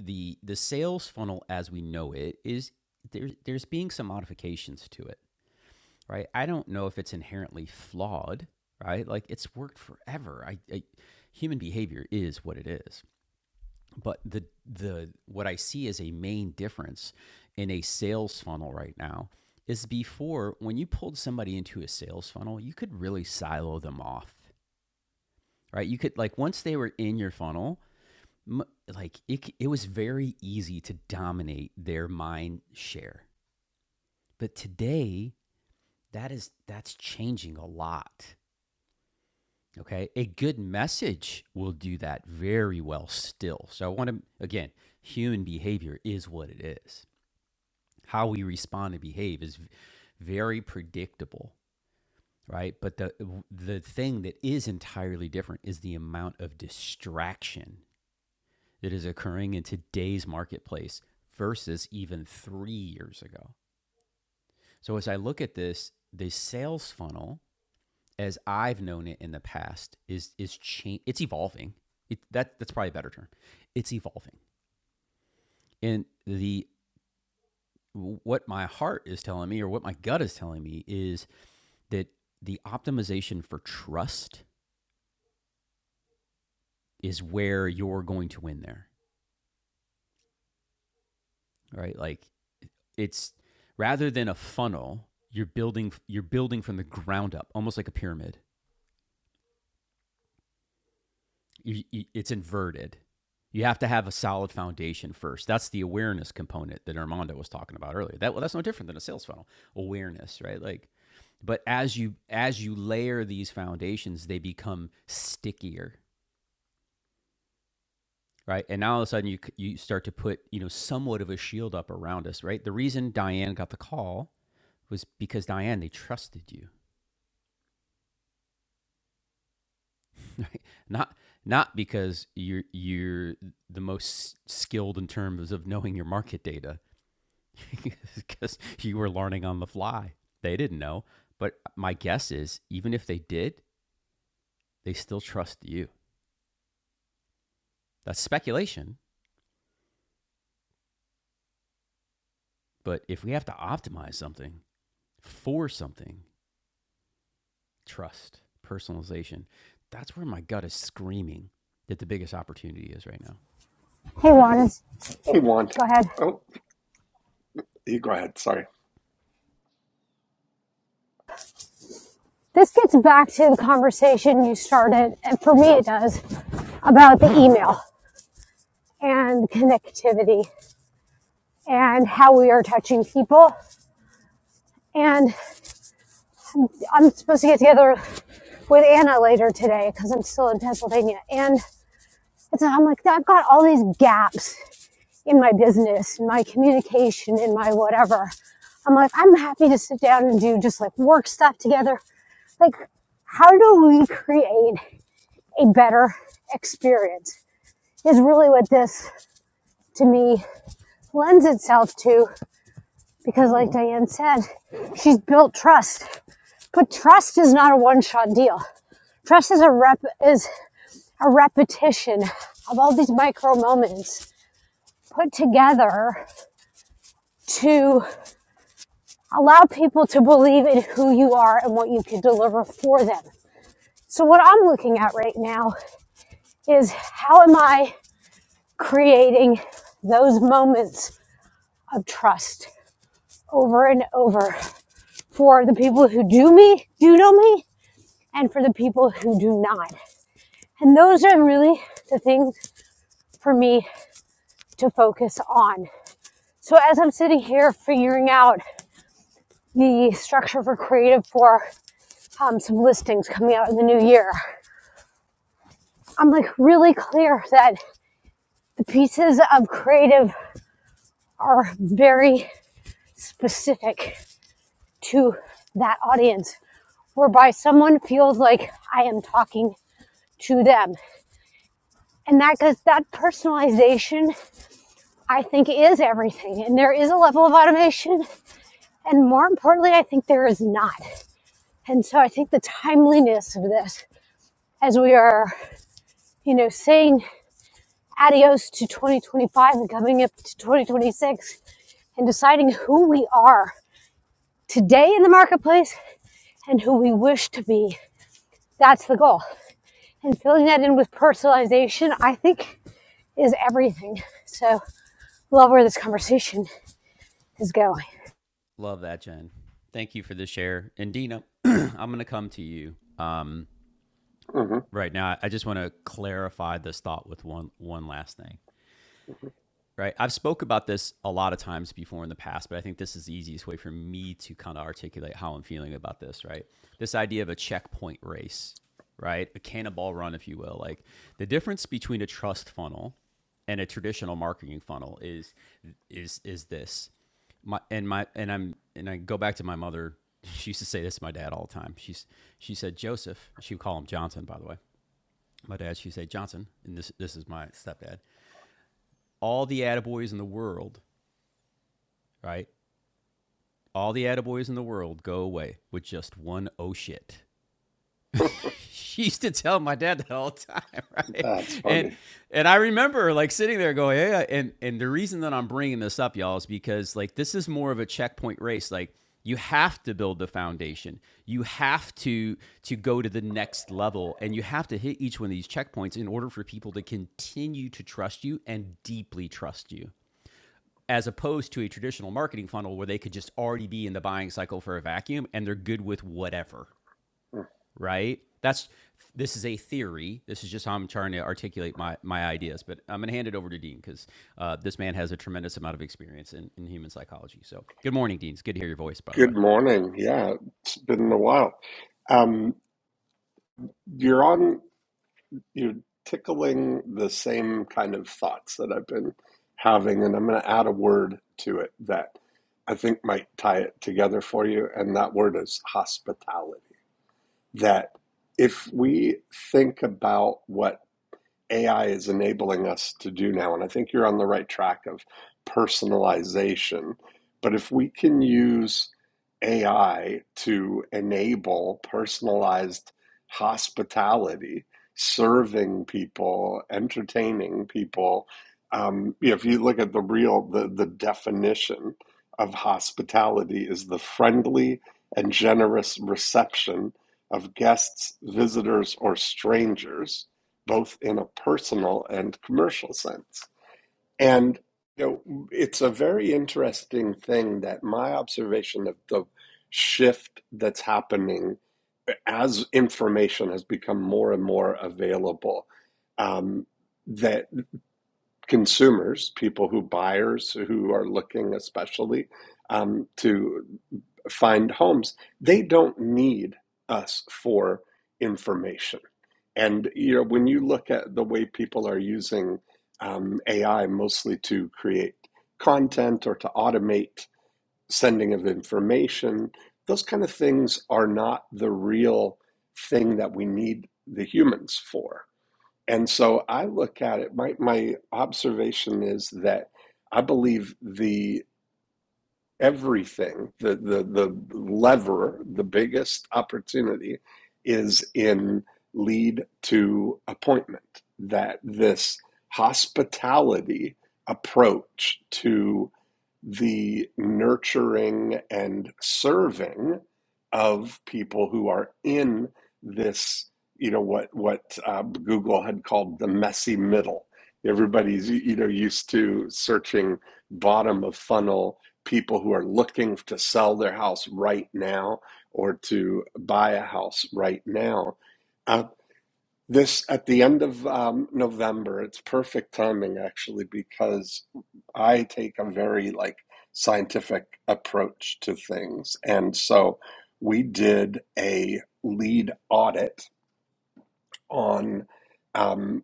S1: the the sales funnel as we know it is there's there's being some modifications to it, right? I don't know if it's inherently flawed, right? Like it's worked forever. I, I human behavior is what it is, but the the what I see as a main difference in a sales funnel right now is before when you pulled somebody into a sales funnel, you could really silo them off, right? You could like once they were in your funnel, like it it was very easy to dominate their mind share. But today, that is that's changing a lot. Okay. A good message will do that very well still. So I want to, again, human behavior is what it is. how we respond and behave is very predictable right but the the thing that is entirely different is the amount of distraction that is occurring in today's marketplace versus even 3 years ago so as i look at this the sales funnel as i've known it in the past is is change it's evolving it, that that's probably a better term it's evolving and the what my heart is telling me or what my gut is telling me is that the optimization for trust is where you're going to win there, right? Like it's rather than a funnel, you're building you're building from the ground up, almost like a pyramid. You, you, it's inverted. You have to have a solid foundation first. That's the awareness component that Armando was talking about earlier. That well, that's no different than a sales funnel. Awareness, right? Like but as you as you layer these foundations, they become stickier right? And now all of a sudden you you start to put you know somewhat of a shield up around us, right? The reason Diane got the call was because Diane they trusted you, right? Not not because you're you're the most skilled in terms of knowing your market data, because you were learning on the fly. They didn't know, but my guess is even if they did, they still trust you. That's speculation, but if we have to optimize something for something, trust, personalization. That's where my gut is screaming that the biggest opportunity is right now.
S13: Hey, Juan,
S14: He won.
S13: go ahead.
S14: Oh, you go ahead. Sorry.
S13: This gets back to the conversation you started, and for me it does, about the email and connectivity and how we are touching people. And I'm supposed to get together with Anna later today because I'm still in Pennsylvania. And it's, I'm like, I've got all these gaps in my business, in my communication, in my whatever. I'm like, I'm happy to sit down and do just like work stuff together. Like, how do we create a better experience is really what this to me lends itself to because like Diane said, she's built trust. But trust is not a one-shot deal. Trust is a rep is a repetition of all these micro moments put together to allow people to believe in who you are and what you can deliver for them. So what I'm looking at right now is how am I creating those moments of trust? over and over for the people who do me, do know me, and for the people who do not. And those are really the things for me to focus on. So as I'm sitting here figuring out the structure for creative for um, some listings coming out in the new year, I'm like really clear that the pieces of creative are very specific to that audience, whereby someone feels like I am talking to them. And that because that personalization, I think, is everything. And there is a level of automation. And more importantly, I think there is not. And so I think the timeliness of this, as we are, you know, saying adios to 2025 and coming up to 2026 and deciding who we are today in the marketplace and who we wish to be. That's the goal. And filling that in with personalization, I think, is everything. So love where this conversation is going.
S1: Love that, Jen. Thank you for the share. And Dina, I'm going to come to you. Um,
S14: hmm
S1: right now, I just want to clarify this thought with one one last thing. right i've spoke about this a lot of times before in the past but i think this is the easiest way for me to kind of articulate how i'm feeling about this right this idea of a checkpoint race right a cannonball run if you will like the difference between a trust funnel and a traditional marketing funnel is is is this my and my and i'm and i go back to my mother she used to say this to my dad all the time she's she said joseph she would call him johnson by the way my dad she would say johnson and this this is my stepdad all the attaboys in the world right? All the attaboys in the world go away with just one oh shit. she used to tell my dad that all the time, right?
S14: That's
S1: And
S14: funny.
S1: and I remember like sitting there going, yeah, yeah. And and the reason that I'm bringing this up, y'all, is because like this is more of a checkpoint race. Like you have to build the foundation. You have to to go to the next level, and you have to hit each one of these checkpoints in order for people to continue to trust you and deeply trust you as opposed to a traditional marketing funnel where they could just already be in the buying cycle for a vacuum and they're good with whatever, right? That's this is a theory. This is just how I'm trying to articulate my my ideas. But I'm going to hand it over to Dean because uh, this man has a tremendous amount of experience in, in human psychology. So good morning, Dean. It's good to hear your voice, by the way.
S14: Good morning. Yeah, it's been a while. Um, you're on, you're tickling the same kind of thoughts that I've been having, and I'm going to add a word to it that I think might tie it together for you, and that word is hospitality. That if we think about what AI is enabling us to do now. And I think you're on the right track of personalization. But if we can use AI to enable personalized hospitality, serving people, entertaining people, um, if you look at the real, the, the definition of hospitality is the friendly and generous reception of guests, visitors, or strangers both in a personal and commercial sense. And you know, it's a very interesting thing that my observation of the shift that's happening as information has become more and more available, um, that consumers, people who buyers who are looking especially um, to find homes. They don't need us for information. And you know, when you look at the way people are using um, AI mostly to create content or to automate sending of information, those kind of things are not the real thing that we need the humans for. And so I look at it, my, my observation is that I believe the everything. The, the, the lever, the biggest opportunity is in lead to appointment. That this hospitality approach to the nurturing and serving of people who are in this, you know, what, what uh, Google had called the messy middle. Everybody's, you know, used to searching bottom of funnel people who are looking to sell their house right now or to buy a house right now. Uh, this at the end of um, November, it's perfect timing actually because I take a very like scientific approach to things. And so we did a lead audit on um,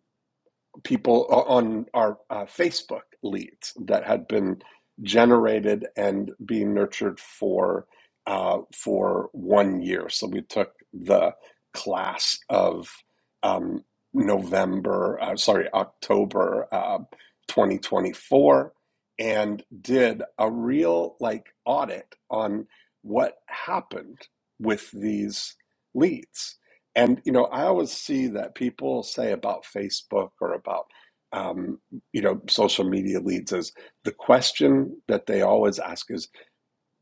S14: people uh, on our uh, Facebook leads that had been generated and being nurtured for uh, for one year. So we took the class of um, November, uh, sorry, October uh, 2024, and did a real like audit on what happened with these leads and you know, I always see that people say about Facebook or about um, you know social media leads is the question that they always ask is,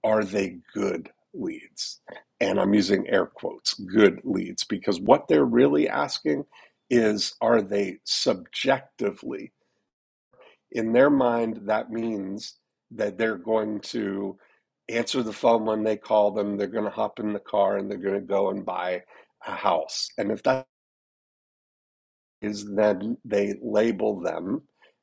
S14: are they good leads? And I'm using air quotes, good leads, because what they're really asking is, are they subjectively in their mind? That means that they're going to answer the phone when they call them. They're going to hop in the car and they're going to go and buy a house. And if that's is then they label them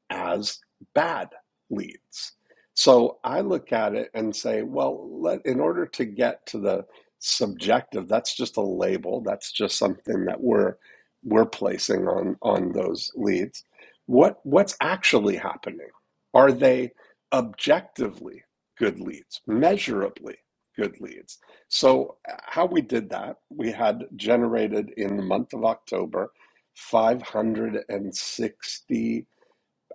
S14: as bad leads. So I look at it and say, well, let, in order to get to the subjective, that's just a label. That's just something that we're we're placing on on those leads. What what's actually happening? Are they objectively good leads, measurably good leads? So uh, how we did that, we had generated in the month of October 560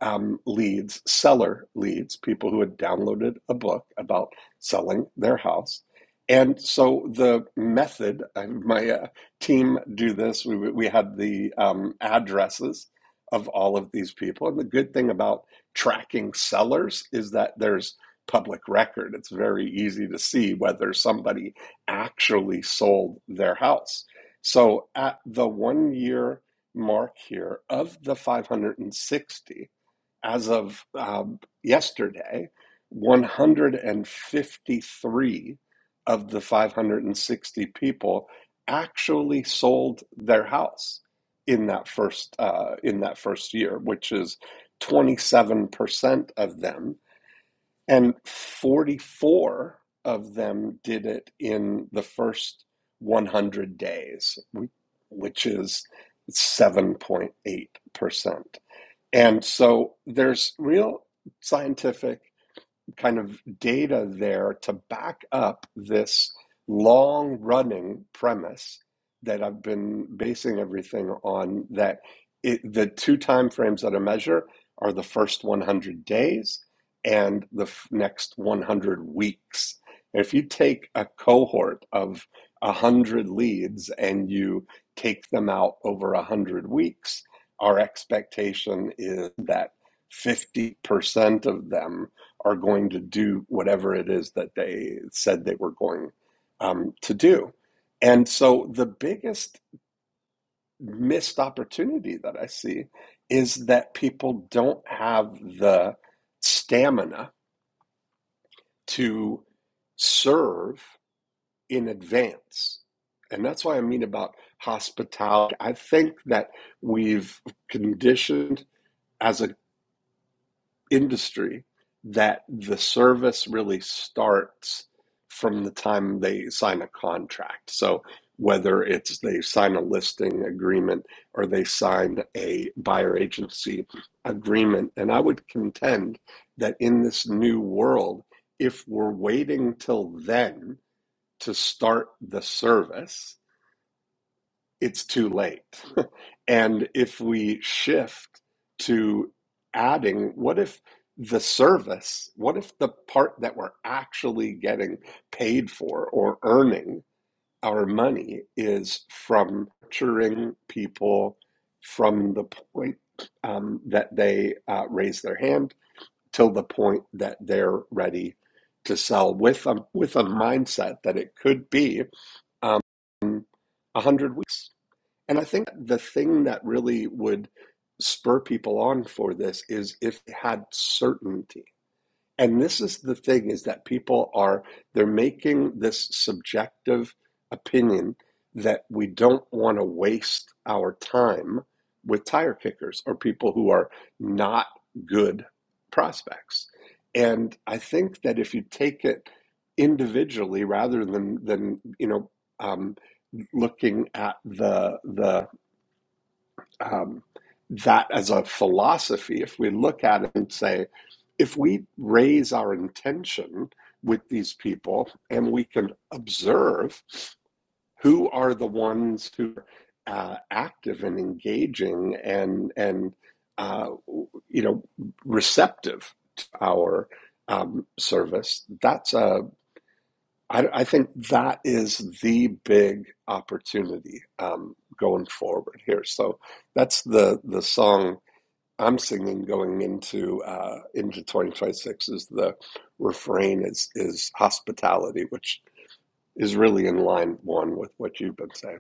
S14: um, leads, seller leads, people who had downloaded a book about selling their house. And so the method, my uh, team do this. We, we had the um, addresses of all of these people. And the good thing about tracking sellers is that there's public record. It's very easy to see whether somebody actually sold their house. So at the one year mark here of the 560, as of um, yesterday, 153 of the 560 people actually sold their house in that first uh, in that first year, which is 27% of them, and 44 of them did it in the first 100 days, which is 7.8%. And so there's real scientific kind of data there to back up this long running premise that I've been basing everything on that it, the two time frames that I measure are the first 100 days and the f- next 100 weeks. If you take a cohort of 100 leads and you take them out over 100 weeks, our expectation is that 50% of them are going to do whatever it is that they said they were going um, to do. And so the biggest missed opportunity that I see is that people don't have the stamina to serve in advance. And that's why I mean about hospitality. I think that we've conditioned as a industry that the service really starts from the time they sign a contract. So whether it's they sign a listing agreement or they sign a buyer agency agreement. And I would contend that in this new world, if we're waiting till then to start the service, it's too late. and if we shift to adding, what if the service, what if the part that we're actually getting paid for or earning our money is from nurturing people from the point um, that they uh, raise their hand till the point that they're ready to sell with a, with a mindset that it could be um, 100 weeks? And I think the thing that really would spur people on for this is if they had certainty. And this is the thing is that people are they're making this subjective opinion that we don't want to waste our time with tire kickers or people who are not good prospects. And I think that if you take it individually rather than than you know um, looking at the the um, that as a philosophy, if we look at it and say, if we raise our intention with these people and we can observe who are the ones who are uh, active and engaging and and uh, you know receptive to our um, service, that's a I, I think that is the big opportunity um, going forward here. So that's the the song I'm singing going into uh, into 2026 is the refrain is is hospitality, which is really in line one with what you've been saying.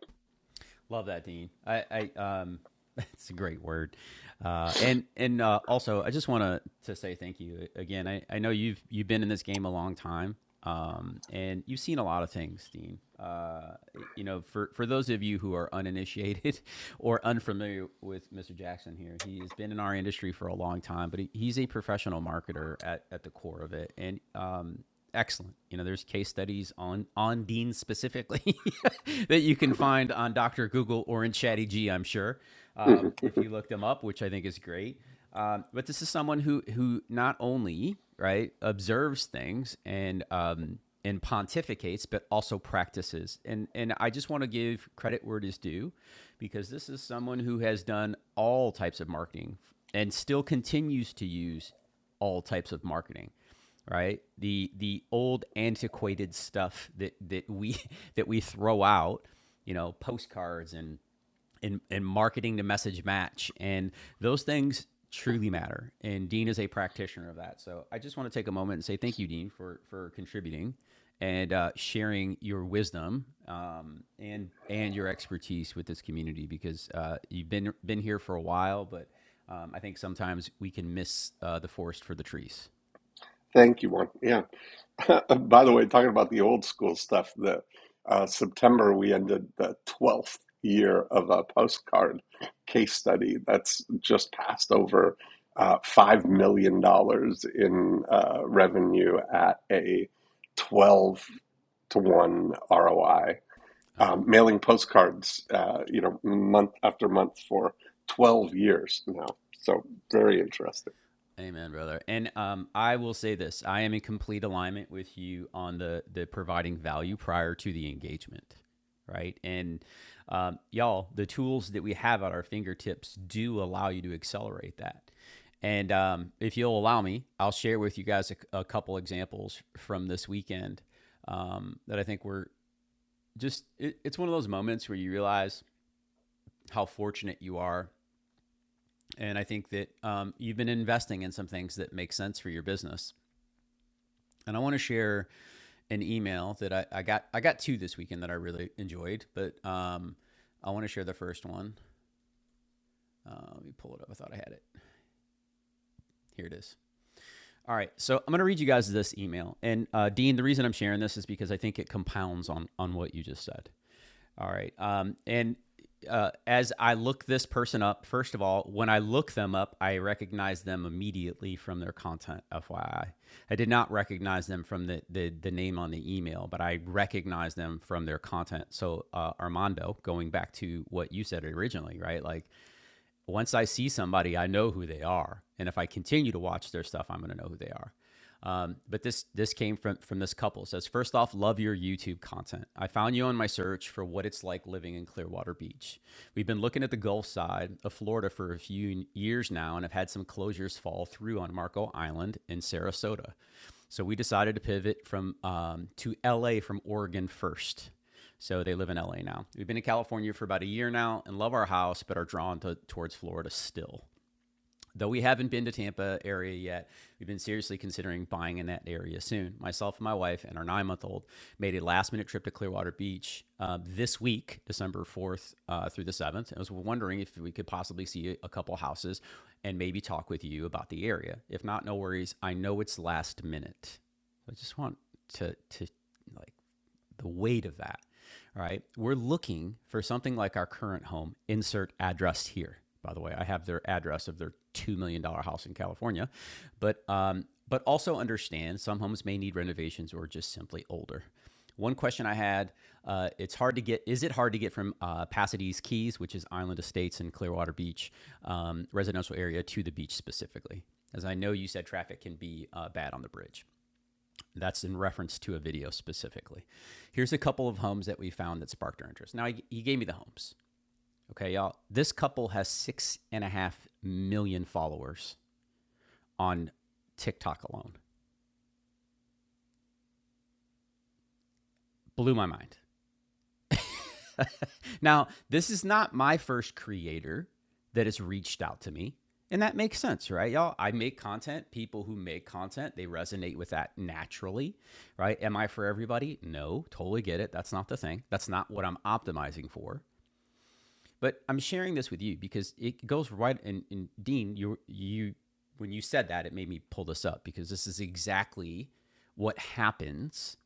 S1: Love that, Dean. I, I um, it's a great word. Uh, and and uh, also, I just want to to say thank you again. I, I know you've you've been in this game a long time, um, and you've seen a lot of things, Dean. Uh, you know, for for those of you who are uninitiated or unfamiliar with Mr. Jackson here, he has been in our industry for a long time, but he, he's a professional marketer at at the core of it, and um, excellent. You know, there's case studies on on Dean specifically that you can find on Dr. Google or in Chatty G, I'm sure, um,
S14: Mhm.
S1: if you look them up, which I think is great. Um, but this is someone who who not only right observes things and um, and pontificates, but also practices. And and I just want to give credit where it is due, because this is someone who has done all types of marketing and still continues to use all types of marketing right? The the old antiquated stuff that that we that we throw out, you know, postcards and and and marketing to message match and those things truly matter. And Dean is a practitioner of that. So I just want to take a moment and say thank you, Dean, for for contributing and uh, sharing your wisdom um, and and your expertise with this community because uh, you've been been here for a while, but um, I think sometimes we can miss uh, the forest for the trees.
S14: Thank you, one. Yeah. By the way, talking about the old school stuff, the uh, September we ended the twelfth year of a postcard case study that's just passed over uh, five million dollars in uh, revenue at a twelve to one ROI.
S1: Oh.
S14: Um, mailing postcards, uh, you know, month after month for twelve years now. So very interesting.
S1: Amen, brother. And um, I will say this: I am in complete alignment with you on the the providing value prior to the engagement, right? And um, y'all, the tools that we have at our fingertips do allow you to accelerate that. And um, if you'll allow me, I'll share with you guys a, a couple examples from this weekend um, that I think were just. It, it's one of those moments where you realize how fortunate you are, and I think that um, you've been investing in some things that make sense for your business And I want to share an email that I, I got. I got two this weekend that I really enjoyed, but um, I want to share the first one. Uh, let me pull it up. I thought I had it. Here it is. All right. So I'm going to read you guys this email. And uh, Dean, the reason I'm sharing this is because I think it compounds on on what you just said. All right. Um, and uh, as I look this person up, first of all, when I look them up, I recognize them immediately from their content. FYI, I I did not recognize them from the the, the name on the email, but I recognize them from their content. So uh, Armando, going back to what you said originally, right? Like once I see somebody, I know who they are, and if I continue to watch their stuff, I'm going to know who they are. Um, but this this came from from this couple. It says first off, love your YouTube content. I found you on my search for what it's like living in Clearwater Beach. We've been looking at the Gulf side of Florida for a few years now, and have had some closures fall through on Marco Island in Sarasota. So we decided to pivot from um, to LA from Oregon first. So they live in LA now. We've been in California for about a year now and love our house, but are drawn to, towards Florida still. Though we haven't been to Tampa area yet, we've been seriously considering buying in that area soon. Myself and my wife and our nine month old made a last minute trip to Clearwater Beach uh, this week, December 4th uh, through the 7th. I was wondering if we could possibly see a couple houses and maybe talk with you about the area. If not, no worries. I know it's last minute. So I just want to, to like, the weight of that, right? We're looking for something like our current home, insert address here. By the way, I have their address of their $2 million dollars house in California. But, um, but also understand some homes may need renovations or just simply older. One question I had: uh, It's hard to get. Is it hard to get from uh, Pasadena's Keys, which is Island Estates and Clearwater Beach um, residential area, to the beach specifically? As I know you said, traffic can be uh, bad on the bridge. That's in reference to a video specifically. Here's a couple of homes that we found that sparked our interest. Now, he, he gave me the homes. Okay, y'all. This couple has six and a half million followers on TikTok alone. Blew my mind. Now, this is not my first creator that has reached out to me. And that makes sense, right, y'all? I make content. People who make content, they resonate with that naturally, right? Am I for everybody? No, totally get it. That's not the thing. That's not what I'm optimizing for. But I'm sharing this with you because it goes right. And, and Dean, you you when you said that, it made me pull this up because this is exactly what happens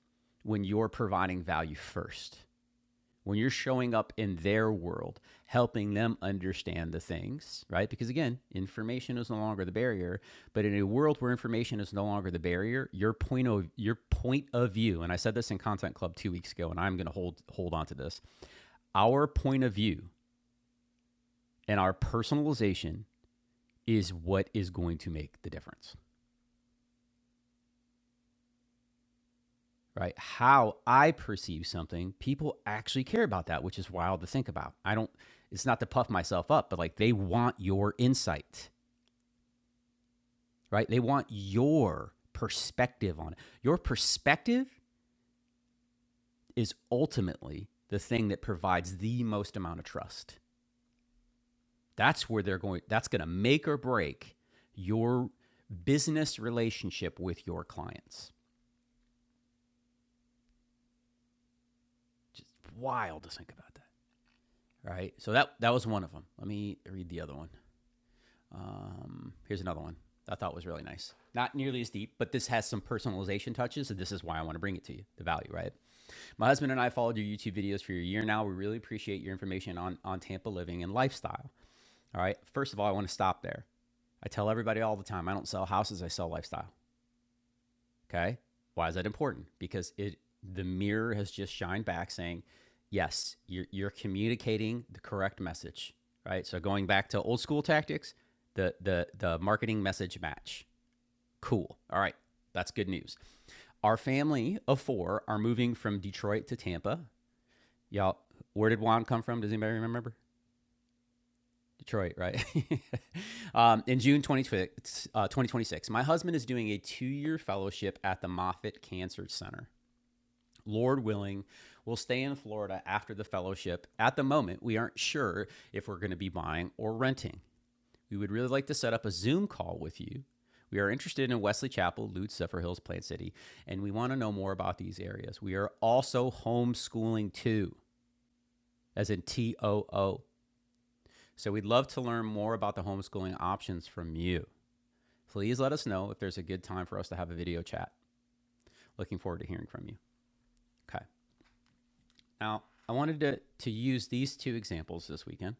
S1: when you're providing value first. When you're showing up in their world, helping them understand the things, right? Because again, information is no longer the barrier, but in a world where information is no longer the barrier, your point of your point of view, and I said this in Content Club 2 weeks ago and I'm going to hold hold on to this. Our point of view and our personalization is what is going to make the difference, right? How I perceive something, people actually care about that, which is wild to think about. I don't, it's not to puff myself up, but like they want your insight, right? They want your perspective on it. Your perspective is ultimately the thing that provides the most amount of trust. That's where they're going, that's going to make or break your business relationship with your clients. Just wild to think about that. right? So that that was one of them. Let me read the other one. Um, here's another one I thought was really nice. Not nearly as deep, but this has some personalization touches, and this is why I want to bring it to you. The value, right? My husband and I followed your YouTube videos for a year now. We really appreciate your information on on Tampa living and lifestyle. All right. First of all, I want to stop there. I tell everybody all the time, I don't sell houses, I sell lifestyle. Okay. Why is that important? Because it the mirror has just shined back saying, yes, you're, you're communicating the correct message, right? So going back to old school tactics, the the the marketing message match. Cool. All right. That's good news. Our family of four are moving from Detroit to Tampa. Y'all, where did Juan come from? Does anybody remember? Detroit, right? um, in June 20, twenty-six, uh, 2026, my husband is doing a two year fellowship at the Moffitt Cancer Center. Lord willing, we'll stay in Florida after the fellowship. At the moment, we aren't sure if we're going to be buying or renting. We would really like to set up a Zoom call with you. We are interested in Wesley Chapel, Lute, Zephyr Hills, Plant City, and we want to know more about these areas. We are also homeschooling too, as in T O O. So we'd love to learn more about the homeschooling options from you. Please let us know if there's a good time for us to have a video chat. Looking forward to hearing from you. Okay. Now, I wanted to, to use these two examples this weekend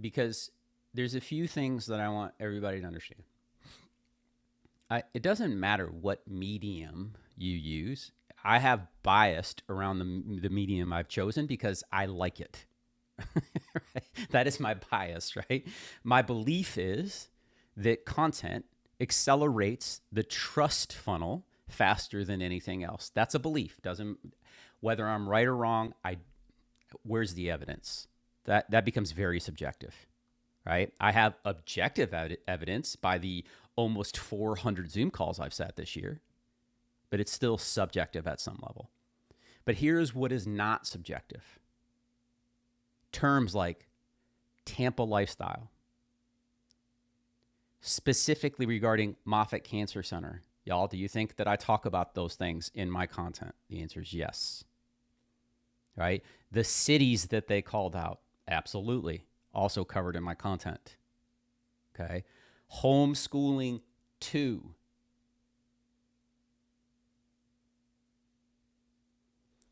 S1: because there's a few things that I want everybody to understand. I, it doesn't matter what medium you use. I have biased around the, the medium I've chosen because I like it. right? That is my bias, right? My belief is that content accelerates the trust funnel faster than anything else. That's a belief. Doesn't whether I'm right or wrong, I where's the evidence? That that becomes very subjective, right? I have objective evidence by the almost 400 Zoom calls I've sat this year, but it's still subjective at some level. But here's what is not subjective. Terms like Tampa lifestyle, specifically regarding Moffitt Cancer Center. Y'all, do you think that I talk about those things in my content? The answer is yes, right? The cities that they called out, absolutely, also covered in my content. Okay. Homeschooling two.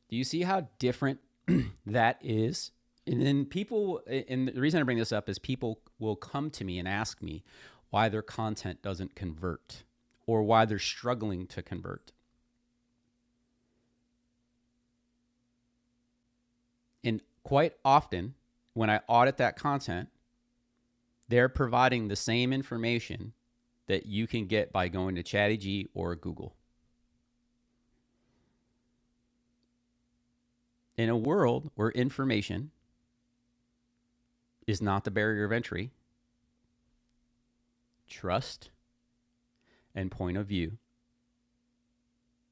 S1: Do you see how different that is? And then people, and the reason I bring this up is people will come to me and ask me why their content doesn't convert or why they're struggling to convert. And quite often, when I audit that content, they're providing the same information that you can get by going to ChatGPT or Google. In a world where information is not the barrier of entry, trust and point of view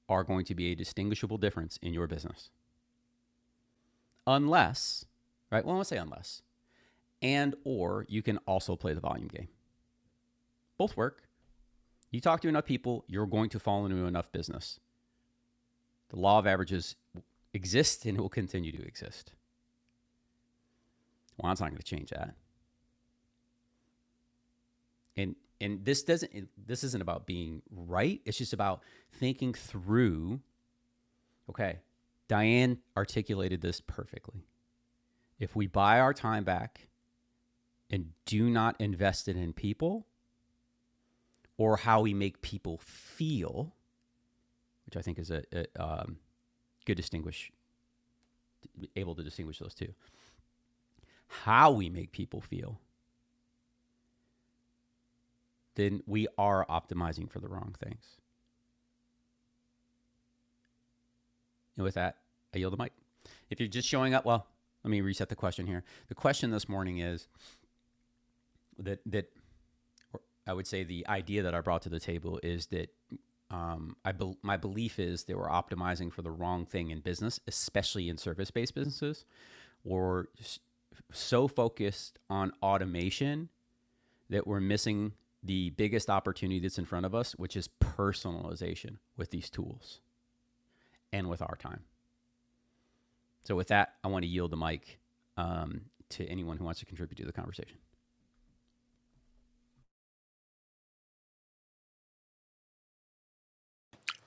S1: are going to be a distinguishable difference in your business. Unless, right? Well, I want to say unless, and or you can also play the volume game. Both work. You talk to enough people, you're going to fall into enough business. The law of averages exists and will continue to exist. Well, it's not going to change that. And and this doesn't this isn't about being right. It's just about thinking through, okay, Diane articulated this perfectly. If we buy our time back and do not invest it in people, or how we make people feel, which I think is a, a um, good distinguish, able to distinguish those two, how we make people feel, then we are optimizing for the wrong things. And with that, I yield the mic. If you're just showing up, well, let me reset the question here. The question this morning is that that I would say the idea that I brought to the table is that um, I bel my belief is that we're optimizing for the wrong thing in business, especially in service based businesses. or s- so focused on automation that we're missing the biggest opportunity that's in front of us, which is personalization with these tools and with our time. So, with that, I want to yield the mic um, to anyone who wants to contribute to the conversation.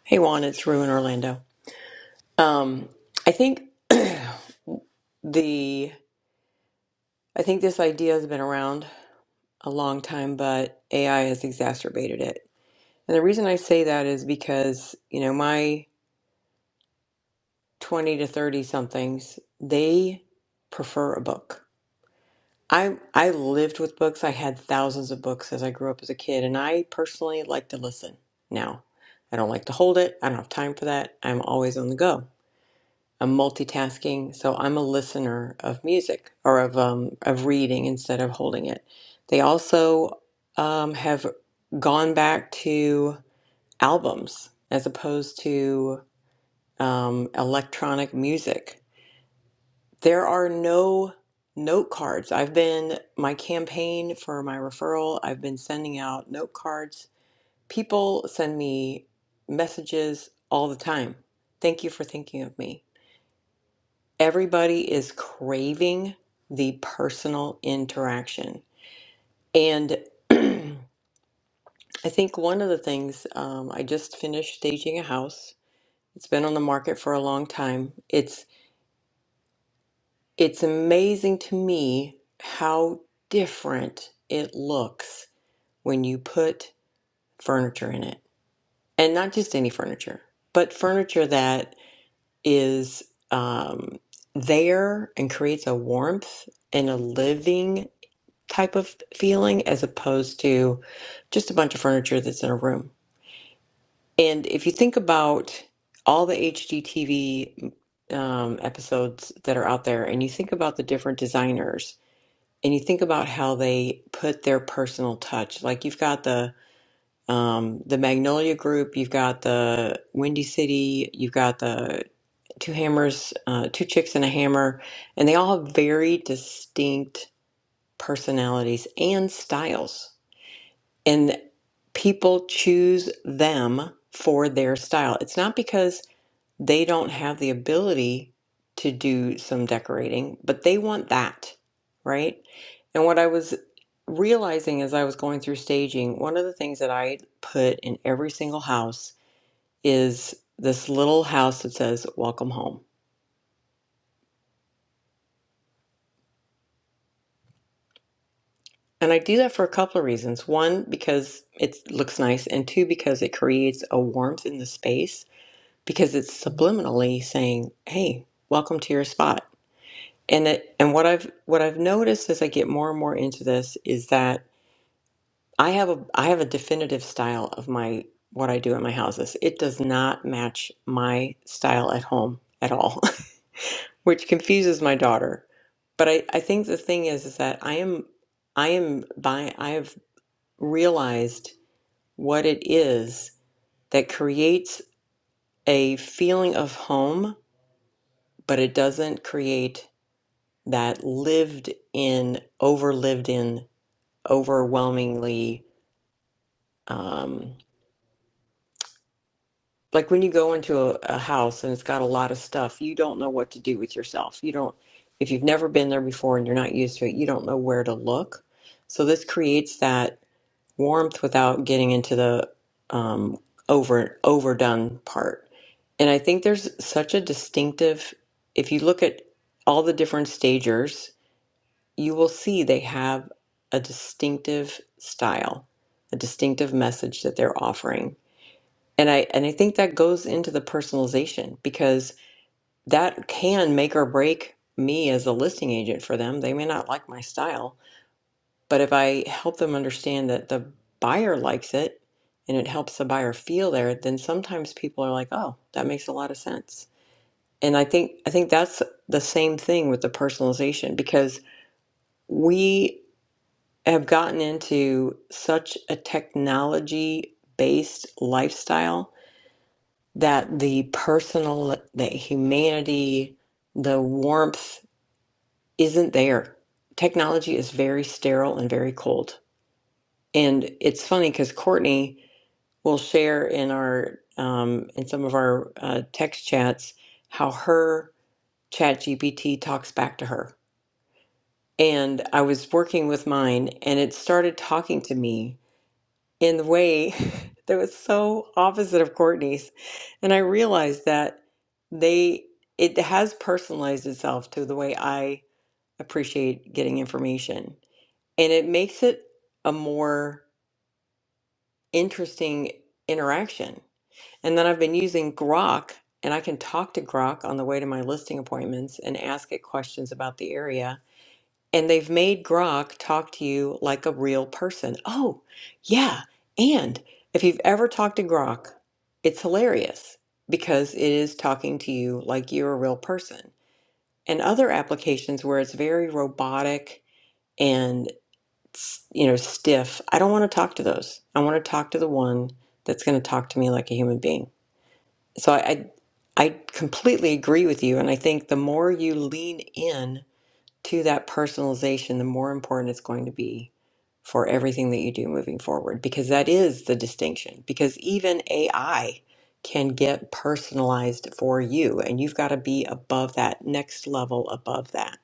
S12: Hey Juan, it's Rue in Orlando. Um, I think the I think this idea has been around a long time, but AI has exacerbated it. And the reason I say that is because, you know, my 20 to 30 somethings, they prefer a book. I I lived with books. I had thousands of books as I grew up as a kid, and I personally like to listen now. I don't like to hold it. I don't have time for that. I'm always on the go. I'm multitasking, so I'm a listener of music or of um, of reading instead of holding it. They also um, have gone back to albums as opposed to um, electronic music there are no note cards. I've been, my campaign for my referral, I've been sending out note cards. People send me messages all the time. Thank you for thinking of me. Everybody is craving the personal interaction. And I think one of the things, um, I just finished staging a house. It's been on the market for a long time. It's. it's amazing to me how different it looks when you put furniture in it. And not just any furniture, but furniture that is um, there and creates a warmth and a living type of feeling as opposed to just a bunch of furniture that's in a room. And if you think about all the HGTV um, episodes that are out there and you think about the different designers and you think about how they put their personal touch. Like you've got the um, the Magnolia Group, you've got the Windy City, you've got the Two Hammers, uh, Two Chicks and a Hammer, and they all have very distinct personalities and styles. And people choose them for their style. It's not because they don't have the ability to do some decorating, but they want that, right? And what I was realizing as I was going through staging, one of the things that I put in every single house is this little house that says welcome home. And I do that for a couple of reasons. One, because it looks nice, and two, because it creates a warmth in the space because it's subliminally saying, hey, welcome to your spot and it and what i've what i've noticed as i get more and more into this is that i have a i have a definitive style of my what i do at my houses it does not match my style at home at all which confuses my daughter but i i think the thing is is that i am i am by i have realized what it is that creates a feeling of home but it doesn't create that lived in over lived in overwhelmingly um like when you go into a, a house and it's got a lot of stuff you don't know what to do with yourself you don't if you've never been there before and you're not used to it you don't know where to look so this creates that warmth without getting into the um over overdone part and i think there's such a distinctive if you look at all the different stagers you will see they have a distinctive style, a distinctive message that they're offering. And I and I think that goes into the personalization because that can make or break me as a listing agent for them. They may not like my style, but if I help them understand that the buyer likes it and it helps the buyer feel there, then sometimes people are like, "Oh, that makes a lot of sense." And I think I think that's the same thing with the personalization because we have gotten into such a technology based lifestyle that the personal, the humanity, the warmth isn't there. Technology is very sterile and very cold. And it's funny because Courtney will share in our um, in some of our uh, text chats how her ChatGPT talks back to her. And I was working with mine and it started talking to me in the way that was so opposite of Courtney's. And I realized that they it has personalized itself to the way I appreciate getting information. And it makes it a more interesting interaction. And then I've been using Grok and I can talk to Grok on the way to my listing appointments and ask it questions about the area and they've made Grok talk to you like a real person. Oh, yeah. And if you've ever talked to Grok, it's hilarious because it is talking to you like you're a real person. And other applications where it's very robotic and s- you know stiff, I don't want to talk to those. I want to talk to the one that's going to talk to me like a human being. So I, I I completely agree with you, and I think the more you lean in to that personalization, the more important it's going to be for everything that you do moving forward, because that is the distinction. Because even AI can get personalized for you, and you've got to be above that next level above that.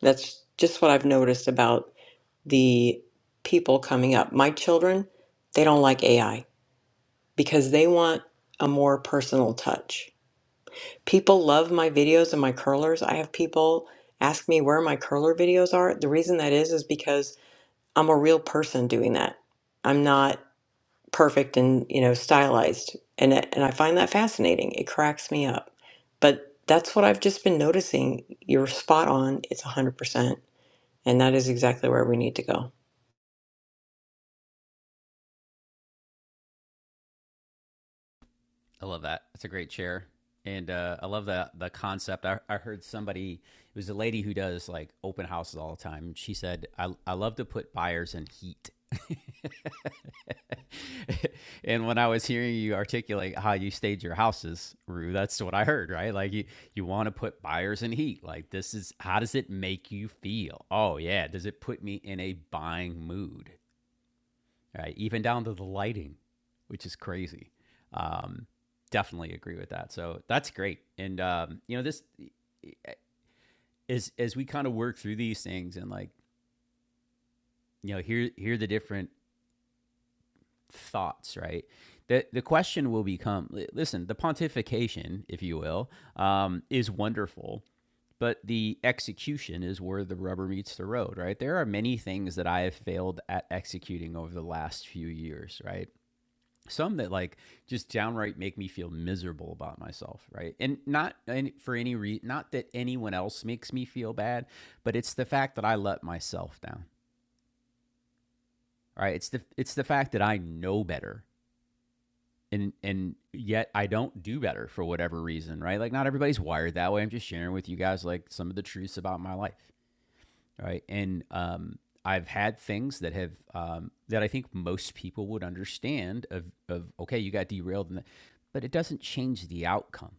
S12: That's just what I've noticed about the people coming up. My children, they don't like AI because they want a more personal touch People love my videos and my curlers. I have people ask me where my curler videos are. The reason that is is because I'm a real person doing that. I'm not perfect and, you know, stylized. And and I find that fascinating. It cracks me up. But that's what I've just been noticing. You're spot on. It's 100%. And that is exactly where we need to go.
S1: I love that. That's a great chair. And uh, I love the the concept. I, I heard somebody, it was a lady who does like open houses all the time. She said, I, I love to put buyers in heat. and when I was hearing you articulate how you stage your houses, Rue, that's what I heard, right? Like you, you want to put buyers in heat. Like this is how does it make you feel? Oh yeah, does it put me in a buying mood? right? Even down to the lighting, which is crazy. Um, definitely agree with that. So that's great. And um, you know, this is as we kind of work through these things and like you know, hear hear the different thoughts, right? The the question will become: Listen, the pontification, if you will, um, is wonderful. But the execution is where the rubber meets the road, right? There are many things that I have failed at executing over the last few years, right? some that like just downright make me feel miserable about myself right and not and for any reason not that anyone else makes me feel bad but it's the fact that i let myself down right it's the it's the fact that i know better and and yet i don't do better for whatever reason right like not everybody's wired that way i'm just sharing with you guys like some of the truths about my life right? And um, I've had things that have um, that I think most people would understand of of okay, you got derailed, and but it doesn't change the outcome,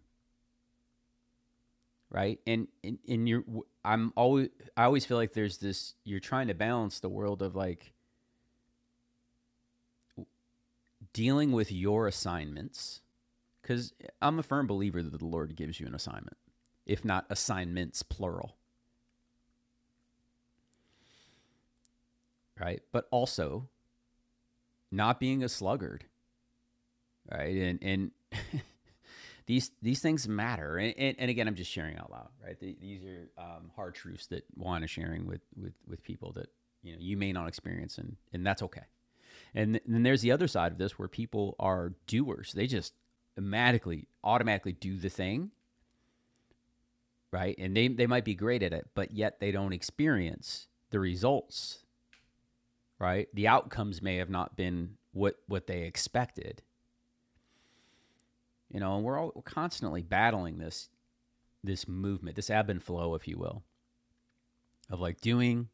S1: right? And and, and you I'm always I always feel like there's this you're trying to balance the world of like dealing with your assignments because I'm a firm believer that the Lord gives you an assignment, if not assignments plural, right? But also not being a sluggard right? And and these these things matter. And, and, and again, I'm just sharing out loud, right? These are um, hard truths that Juan is sharing with with with people that you know you may not experience, and and that's okay. And th- then there's the other side of this where people are doers. They just automatically automatically do the thing, right? And they they might be great at it, but yet they don't experience the results, right? The outcomes may have not been what what they expected, you know. And we're all we're constantly battling this this movement, this ebb and flow, if you will, of like doing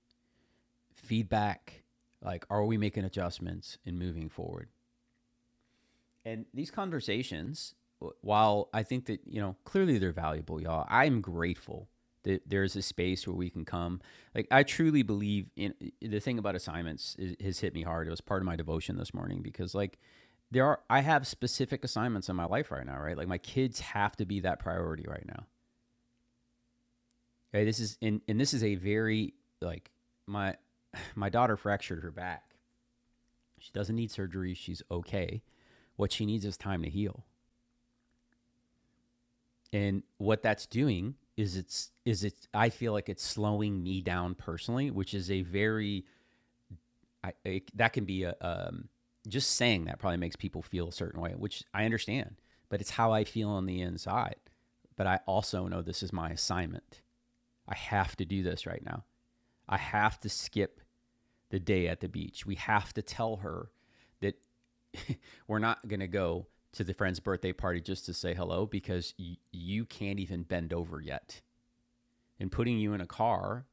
S1: feedback, like are we making adjustments and moving forward? And these conversations, while I think that, you know, clearly they're valuable, y'all, I'm grateful that there's a space where we can come. Like, I truly believe in the thing about assignments is, has hit me hard. It was part of my devotion this morning because, like, there are, I have specific assignments in my life right now, right? Like, my kids have to be that priority right now Okay, this is and, and this is a very like my my daughter fractured her back. She doesn't need surgery, she's okay. What she needs is time to heal. And what that's doing is it's is it's I feel like it's slowing me down personally, which is a very I it, that can be a um just saying that probably makes people feel a certain way, which I understand, but it's how I feel on the inside. But I also know this is my assignment. I have to do this right now. I have to skip the day at the beach. We have to tell her that we're not going to go to the friend's birthday party just to say hello because y- you can't even bend over yet. And putting you in a car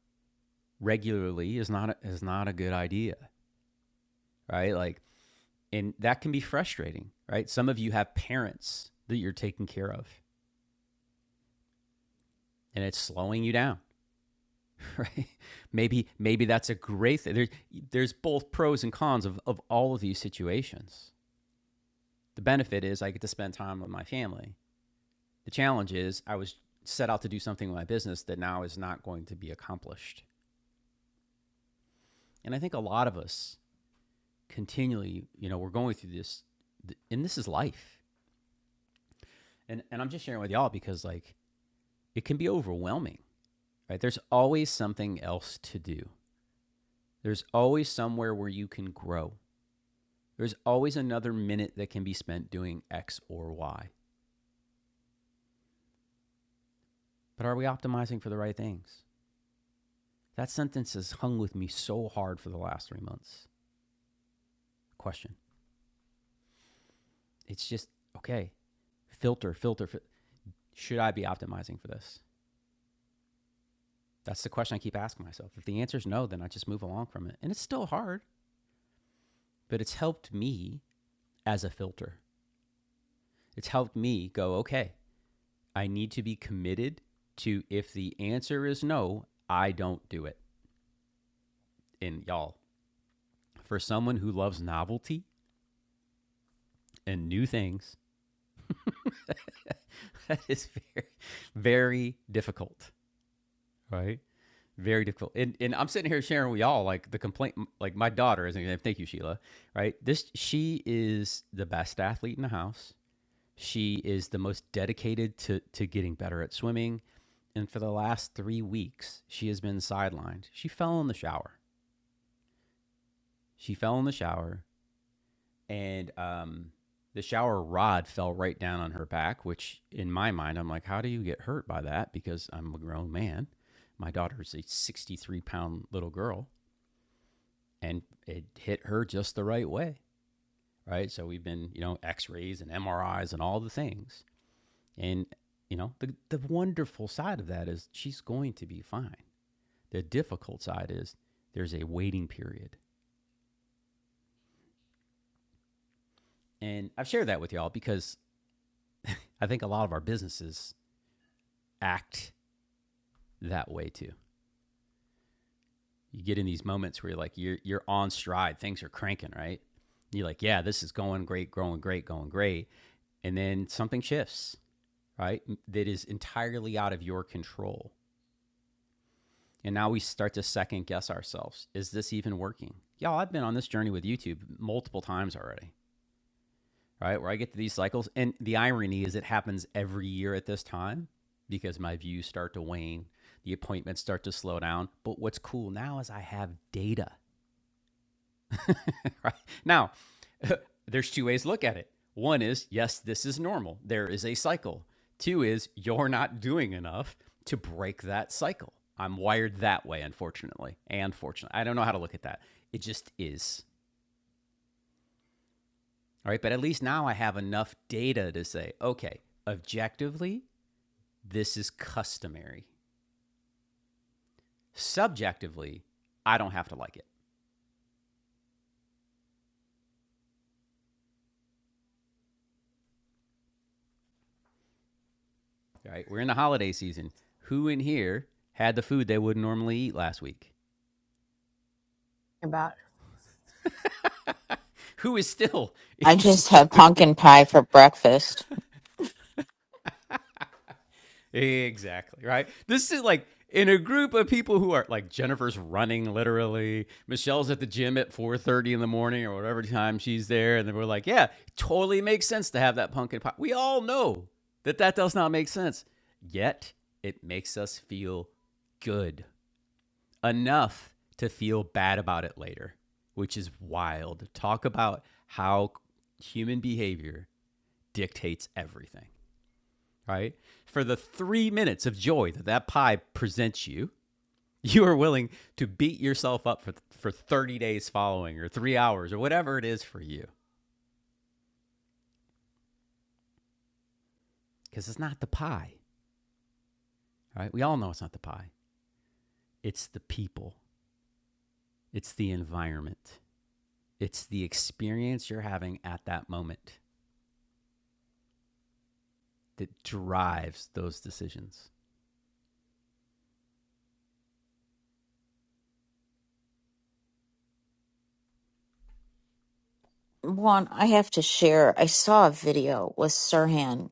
S1: regularly is not a, is not a good idea, right? Like and that can be frustrating, right? Some of you have parents that you're taking care of and it's slowing you down, right? Maybe maybe that's a great thing. There, there's both pros and cons of, of all of these situations. The benefit is I get to spend time with my family. The challenge is I was set out to do something with my business that now is not going to be accomplished. And I think a lot of us continually, you know, we're going through this, and this is life. And, and I'm just sharing with y'all because, like, it can be overwhelming, right? There's always something else to do, there's always somewhere where you can grow. There's always another minute that can be spent doing X or Y. But are we optimizing for the right things? That sentence has hung with me so hard for the last three months. Question. It's just, okay, filter, filter. fil- Should I be optimizing for this? That's the question I keep asking myself. If the answer is no, then I just move along from it. And it's still hard, but it's helped me as a filter. It's helped me go, okay, I need to be committed to if the answer is no, I don't do it. And y'all, for someone who loves novelty and new things, that is very, very difficult. right? Very difficult. And and I'm sitting here sharing with y'all like the complaint, like my daughter is an Thank you, Sheila. Right? This she is the best athlete in the house. She is the most dedicated to to getting better at swimming. And for the last three weeks, she has been sidelined. She fell in the shower. She fell in the shower, and um, the shower rod fell right down on her back. Which, in my mind, I'm like, how do you get hurt by that? Because I'm a grown man. My daughter's a 63 pound little girl and it hit her just the right way, right? So we've been, you know, X-rays and MRIs and all the things, and you know, the the wonderful side of that is she's going to be fine. The difficult side is there's a waiting period, and I've shared that with y'all because I think a lot of our businesses act that way too. You get in these moments where you're like you're you're on stride, things are cranking, right? You're like, yeah, this is going great, growing great, going great, and then something shifts right? That is entirely out of your control. And now we start to second guess ourselves. Is this even working? Y'all, I've been on this journey with YouTube multiple times already, right? Where I get to these cycles. And the irony is it happens every year at this time because my views start to wane, the appointments start to slow down. But what's cool now is I have data. right? Now, there's two ways to look at it. One is, yes, this is normal. There is a cycle. Two is, you're not doing enough to break that cycle. I'm wired that way, unfortunately. And fortunately, I don't know how to look at that. It just is. All right. But at least now I have enough data to say, okay, objectively, this is customary. Subjectively, I don't have to like it. All right. We're in the holiday season. Who in here had the food they would not normally eat last week?
S13: About.
S1: who is still
S15: I just had pumpkin pie for breakfast.
S1: exactly right. This is like in a group of people who are like Jennifer's running literally. Michelle's at the gym at 4:30 in the morning or whatever time she's there, and then we're like, yeah, totally makes sense to have that pumpkin pie. We all know that that does not make sense, yet it makes us feel good enough to feel bad about it later, which is wild. Talk about how human behavior dictates everything. right? For the three minutes of joy that that pie presents you, you are willing to beat yourself up for, for 30 days following or three hours or whatever it is for you because it's not the pie, right? We all know it's not the pie. It's the people, it's the environment, it's the experience you're having at that moment that drives those decisions.
S15: One, I have to share. I saw a video with Sirhan,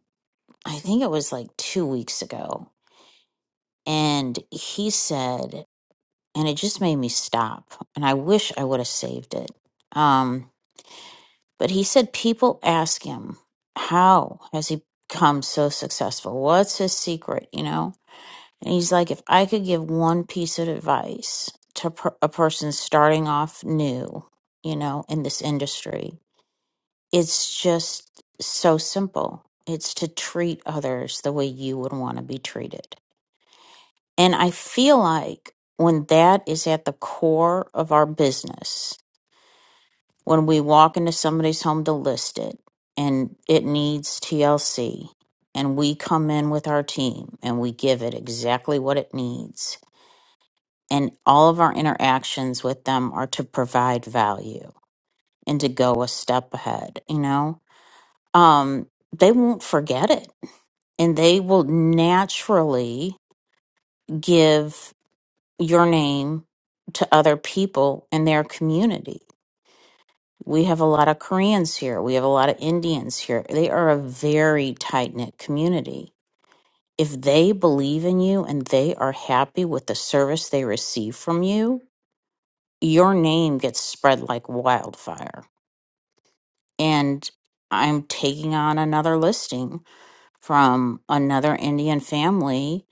S15: I think it was like two weeks ago, and he said, and it just made me stop. And I wish I would have saved it. um, But he said people ask him, how has he become so successful? What's his secret, you know? And he's like, if I could give one piece of advice to per- a person starting off new, you know, in this industry, it's just so simple. It's to treat others the way you would want to be treated. And I feel like when that is at the core of our business, when we walk into somebody's home to list it and it needs TLC and we come in with our team and we give it exactly what it needs and all of our interactions with them are to provide value and to go a step ahead you know um they won't forget it and they will naturally give your name to other people in their community We have a lot of Koreans here. We have a lot of Indians here. They are a very tight knit community. If they believe in you and they are happy with the service they receive from you, your name gets spread like wildfire. And I'm taking on another listing from another Indian family.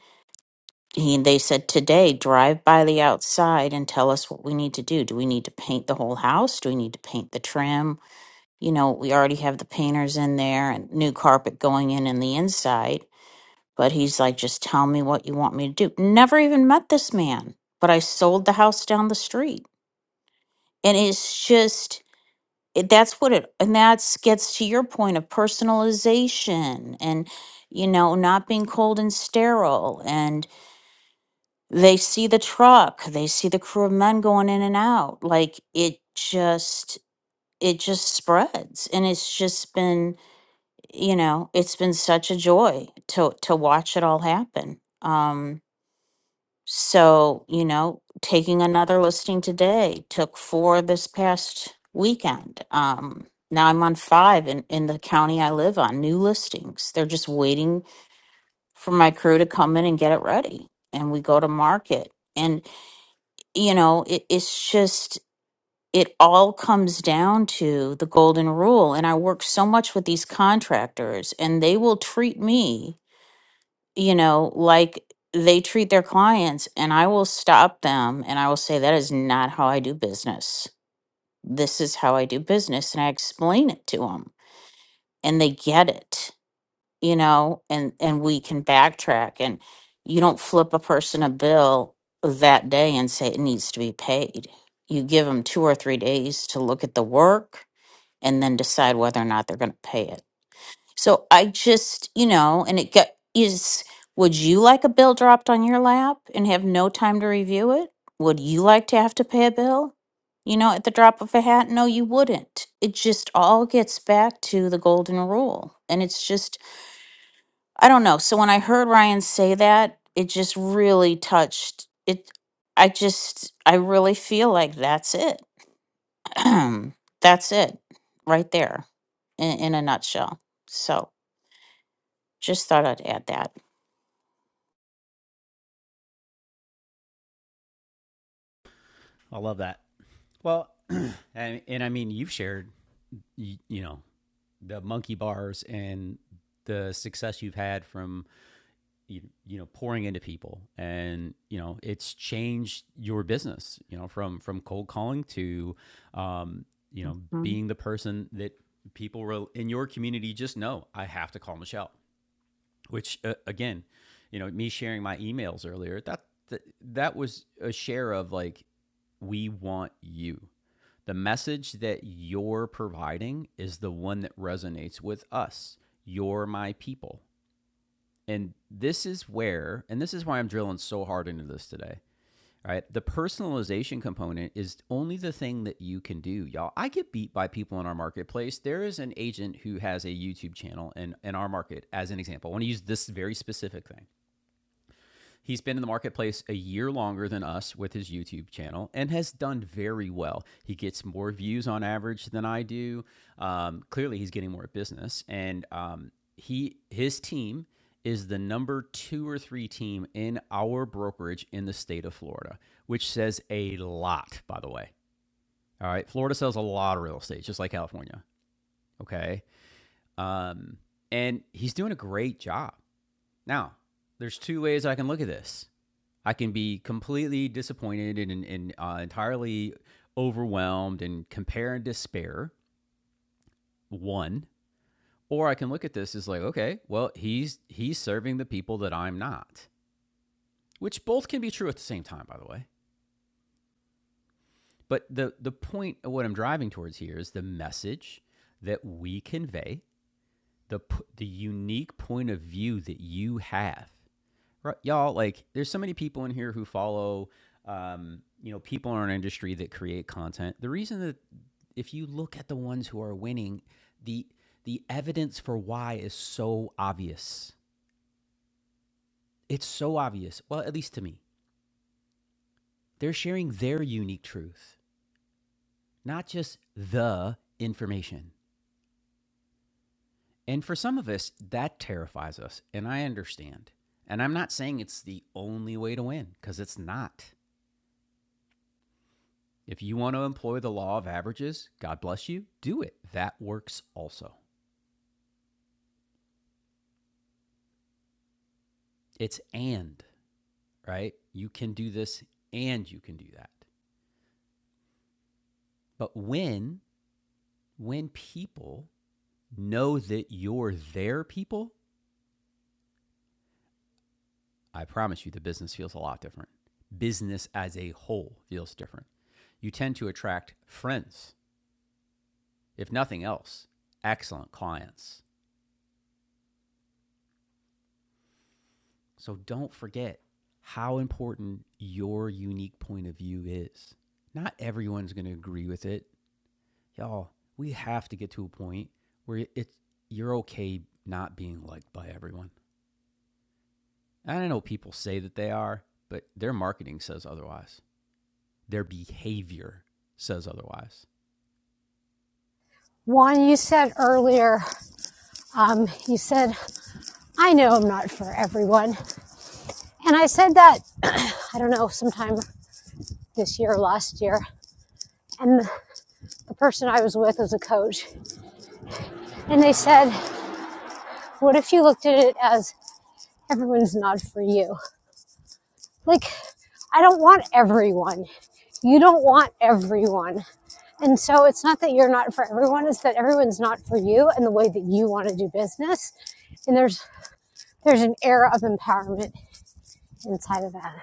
S15: He, they said today, drive by the outside and tell us what we need to do. Do we need to paint the whole house? Do we need to paint the trim? you know, we already have the painters in there and new carpet going in in the inside. But he's like, just tell me what you want me to do. Never even met this man, but I sold the house down the street. And it's just, it, that's what it, and that's gets to your point of personalization and, you know, not being cold and sterile. And they see the truck, they see the crew of men going in and out. Like it just, it just spreads. And it's just been, you know, it's been such a joy to to watch it all happen. Um, so you know, taking another listing today took four this past weekend. Um, now I'm on five in in the county I live on. New listings. They're just waiting for my crew to come in and get it ready, and we go to market. And you know, it, it's just it all comes down to the golden rule and i work so much with these contractors and they will treat me you know, like they treat their clients, and I will stop them and I will say, That is not how I do business. This is how I do business. And I explain it to them, and they get it, you know, and, and we can backtrack. And you don't flip a person a bill that day and say it needs to be paid. You give them two or three days to look at the work and then decide whether or not they're going to pay it. So I just, you know, and it get is would you like a bill dropped on your lap and have no time to review it? Would you like to have to pay a bill? You know, at the drop of a hat? No, you wouldn't. It just all gets back to the golden rule. And it's just I don't know. So when I heard Ryan say that, it just really touched it I just I really feel like that's it. that's it right there in, in a nutshell. So just thought I'd add that.
S1: I love that. Well, and, and I mean, you've shared you, you know the monkey bars and the success you've had from you, you know pouring into people and you know it's changed your business you know from from cold calling to um, you know
S15: Mhm.
S1: being the person that people rel- in your community just know i have to call michelle which uh, again you know me sharing my emails earlier that, that that was a share of like we want you the message that you're providing is the one that resonates with us. You're my people. And this is where, and this is why I'm drilling so hard into this today. All right. The personalization component is only the thing that you can do, y'all. I get beat by people in our marketplace. There is an agent who has a YouTube channel in, in our market, as an example. I want to use this very specific thing. He's been in the marketplace a year longer than us with his YouTube channel and has done very well. He gets more views on average than I do. Um, clearly, he's getting more business, and um, he his team is the number two or three team in our brokerage in the state of Florida, which says a lot, by the way. All right, Florida sells a lot of real estate, just like California. Okay, um, and he's doing a great job. Now, there's two ways I can look at this. I can be completely disappointed and, and, uh, entirely overwhelmed and compare and despair. One, or I can look at this as like, okay, well, he's he's serving the people that I'm not, which both can be true at the same time, by the way. But the the point of what I'm driving towards here is the message that we convey, the the unique point of view that you have Right, y'all, like there's so many people in here who follow um, you know, people in our industry that create content. The reason that if you look at the ones who are winning, the the evidence for why is so obvious. It's so obvious. Well, at least to me. They're sharing their unique truth, not just the information. And for some of us, that terrifies us, and I understand. And I'm not saying it's the only way to win, because it's not. If you want to employ the law of averages, God bless you, do it. That works also. It's and, right? You can do this and you can do that. But when when people know that you're their people, I promise you the business feels a lot different. Business as a whole feels different. You tend to attract friends, if nothing else, excellent clients, So don't forget how important your unique point of view is. Not everyone's going to agree with it. Y'all, we have to get to a point where it's you're okay not being liked by everyone. And I know people say that they are, but their marketing says otherwise. Their behavior says otherwise.
S13: One, you said earlier, um, you said, I know I'm not for everyone. And I said that, I don't know, sometime this year or last year. And the, person I was with was a coach. And they said, What if you looked at it as everyone's not for you? Like, I don't want everyone. You don't want everyone. And so it's not that you're not for everyone, it's that everyone's not for you and the way that you want to do business. And there's there's an air of empowerment inside of that.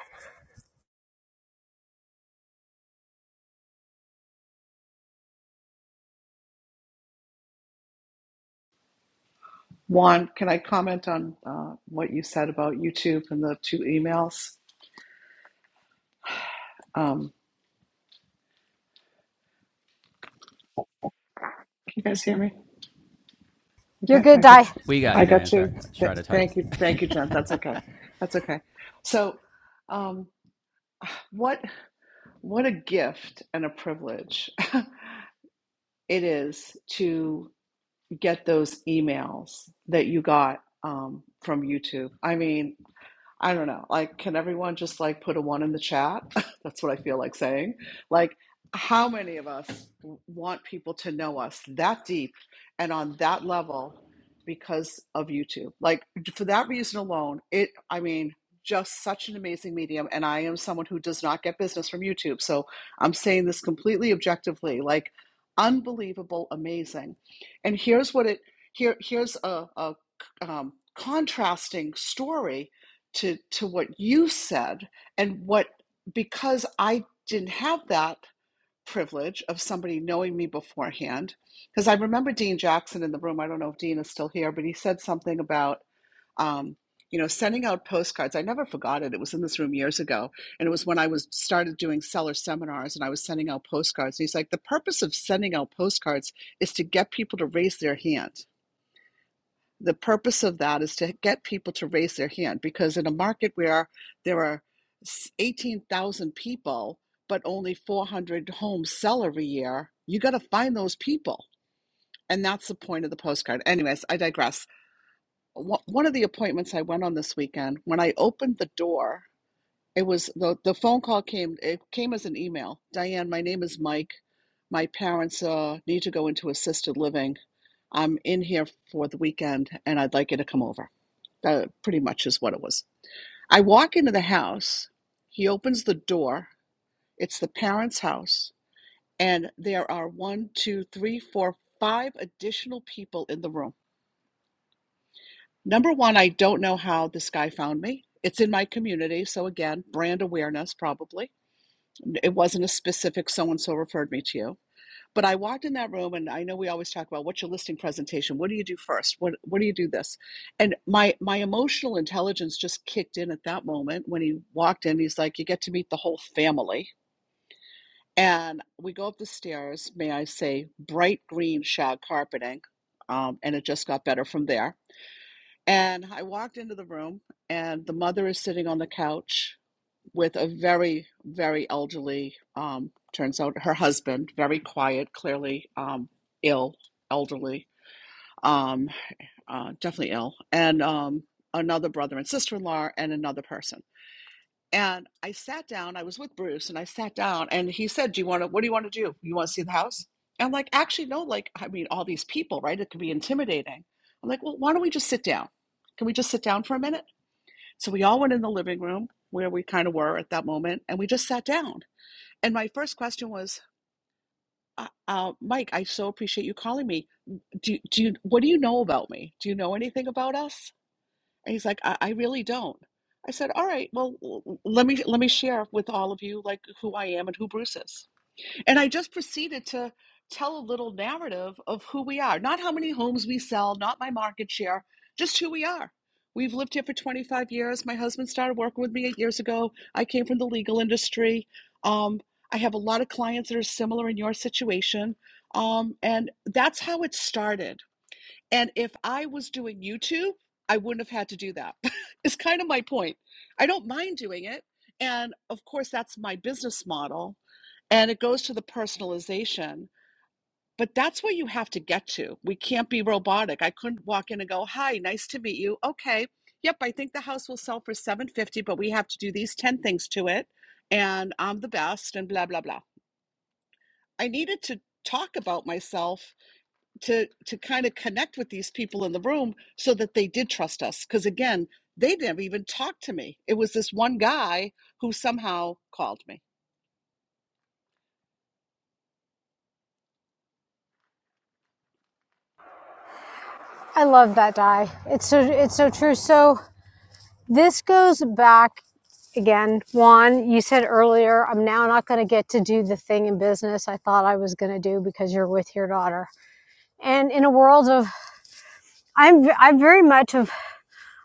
S13: You're good, Di.
S1: We got you, Diane. Sorry, try to type.
S13: I love that die. It's so it's so true. So this goes back again. Juan, you said earlier, I'm now not going to get to do the thing in business I thought I was going to do because you're with your daughter. And in a world of I'm I'm very much of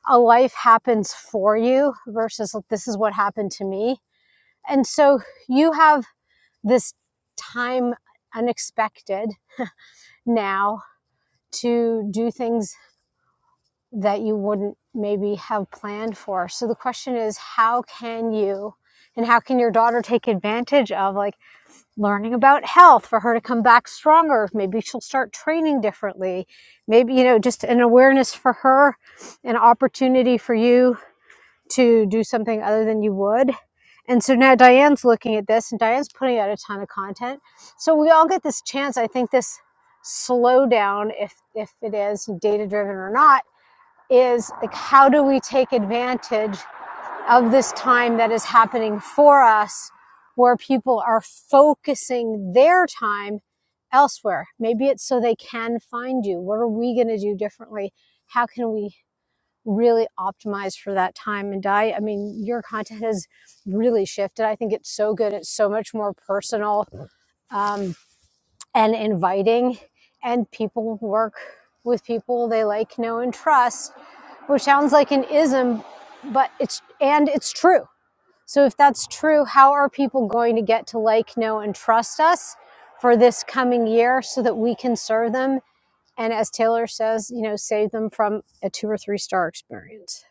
S13: a life happens for you versus this is what happened to me. And so you have this time unexpected now to do things that you wouldn't maybe have planned for. So the question is, how can you and how can your daughter take advantage of like learning about health for her to come back stronger? Maybe she'll start training differently. Maybe, you know, just an awareness for her, an opportunity for you to do something other than you would. And so now Diane's looking at this and Diane's putting out a ton of content. So we all get this chance. I think this slowdown, if if it is data driven or not is like how do we take advantage of this time that is happening for us where people are focusing their time elsewhere maybe it's so they can find you what are we going to do differently how can we really optimize for that time and diet i mean your content has really shifted i think it's so good it's so much more personal um, and inviting and people work with people they like know and trust which sounds like an ism, but it's and it's true. So if that's true, how are people going to get to like, know, and trust us for this coming year so that we can serve them and as Taylor says, you know, save them from a two or three star experience.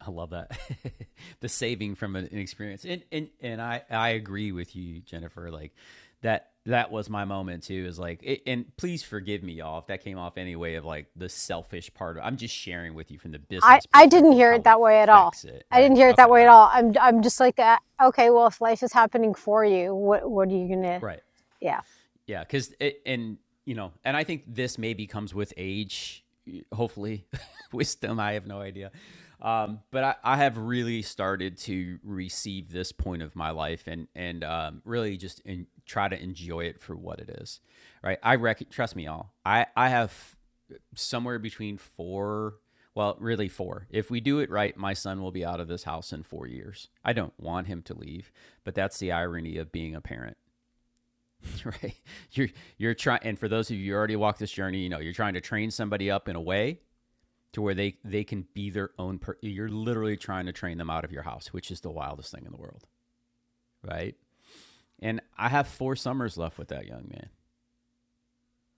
S1: I love that the saving from an, an experience, and and and I I agree with you, Jennifer. Like that that was my moment too. Is like, it, and please forgive me, y'all, if that came off any way of like the selfish part of. I'm just sharing with you from the
S13: I,
S1: business
S13: I didn't
S1: perspective
S13: hear it
S1: how it
S13: that way at all.
S1: affects it,
S13: I
S1: right?
S13: didn't hear it that
S1: Okay,
S13: way
S1: all
S13: at
S1: right,
S13: all. I'm I'm just like, uh, okay, well, if life is happening for you, what what are you gonna?
S1: right.
S13: Yeah,
S1: Yeah, because it and you know, and I think this maybe comes with age, hopefully, wisdom. I have no idea, um, but I, I have really started to receive this point of my life and and um, really just in, try to enjoy it for what it is. Right? I rec- trust me, you all. I I have somewhere between four. Well, really four. If we do it right, my son will be out of this house in four years. I don't want him to leave, but that's the irony of being a parent right you're you're trying and for those of you who already walked this journey you know you're trying to train somebody up in a way to where they they can be their own per- you're literally trying to train them out of your house which is the wildest thing in the world right and i have four summers left with that young man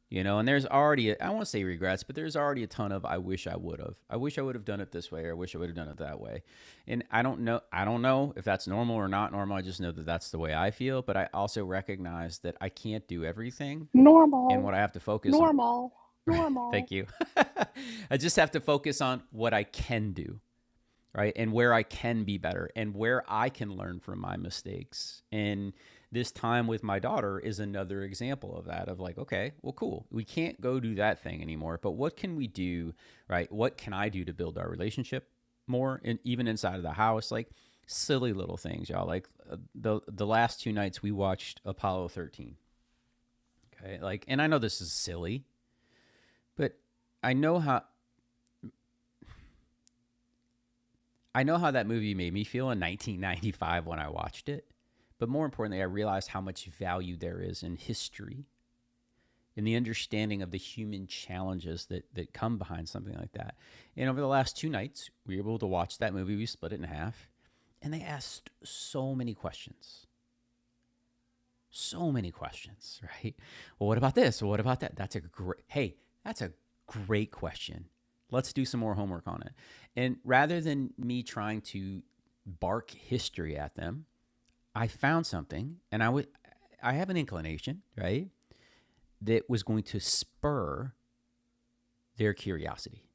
S1: you know and there's already I i won't say regrets but there's already a ton of i wish i would have i wish i would have done it this way or i wish i would have done it that way and i don't know i don't know if that's normal or not normal i just know that that's the way i feel but i also recognize that i can't do everything and what i have to focus on Right. Thank you. I just have to focus on what I can do, right? And where I can be better and where I can learn from my mistakes. And this time with my daughter is another example of that of like, okay, well, cool. We can't go do that thing anymore, but what can we do, right? What can I do to build our relationship more? And even inside of the house, like silly little things, y'all. Like uh, the, the last two nights we watched Apollo 13. Okay. Like, and I know this is silly, but I know how I know how that movie made me feel in 1995 when I watched it, but more importantly, I realized how much value there is in history and the understanding of the human challenges that that come behind something like that. And over the last two nights, we were able to watch that movie. We split it in half, and they asked so many questions so many questions, right? Well, what about this? Well, what about that? That's a great, hey, that's a great question. Let's do some more homework on it. And rather than me trying to bark history at them, I found something and I would, I have an inclination, right? That was going to spur their curiosity,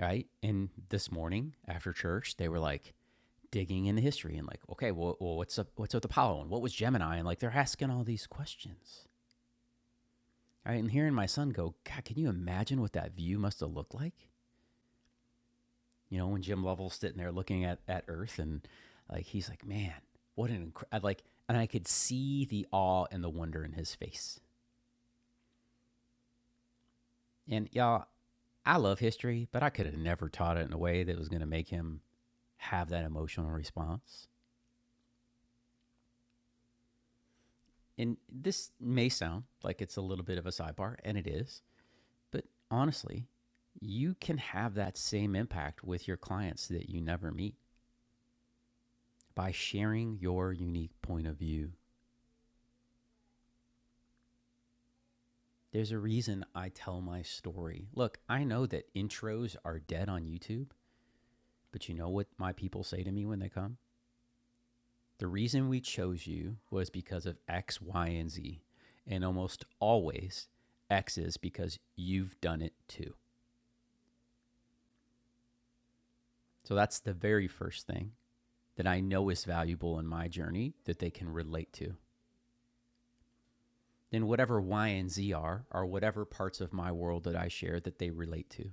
S1: right? And this morning after church, they were like, digging in the history and like okay well, well what's up what's up with apollo and what was gemini and like they're asking all these questions All right, and hearing my son go, God, can you imagine what that view must have looked like? You know, when Jim Lovell's sitting there looking at, at Earth and like he's like, man, what an incredible, like, and I could see the awe and the wonder in his face. And y'all, I love history, but I could have never taught it in a way that was going to make him have that emotional response. And this may sound like it's a little bit of a sidebar, and it is, but honestly, you can have that same impact with your clients that you never meet by sharing your unique point of view. There's a reason I tell my story. Look, I know that intros are dead on YouTube, but you know what my people say to me when they come? The reason we chose you was because of X, Y, and Z. And almost always, X is because you've done it too. So that's the very first thing that I know is valuable in my journey that they can relate to. Then whatever Y and Z are, are whatever parts of my world that I share that they relate to.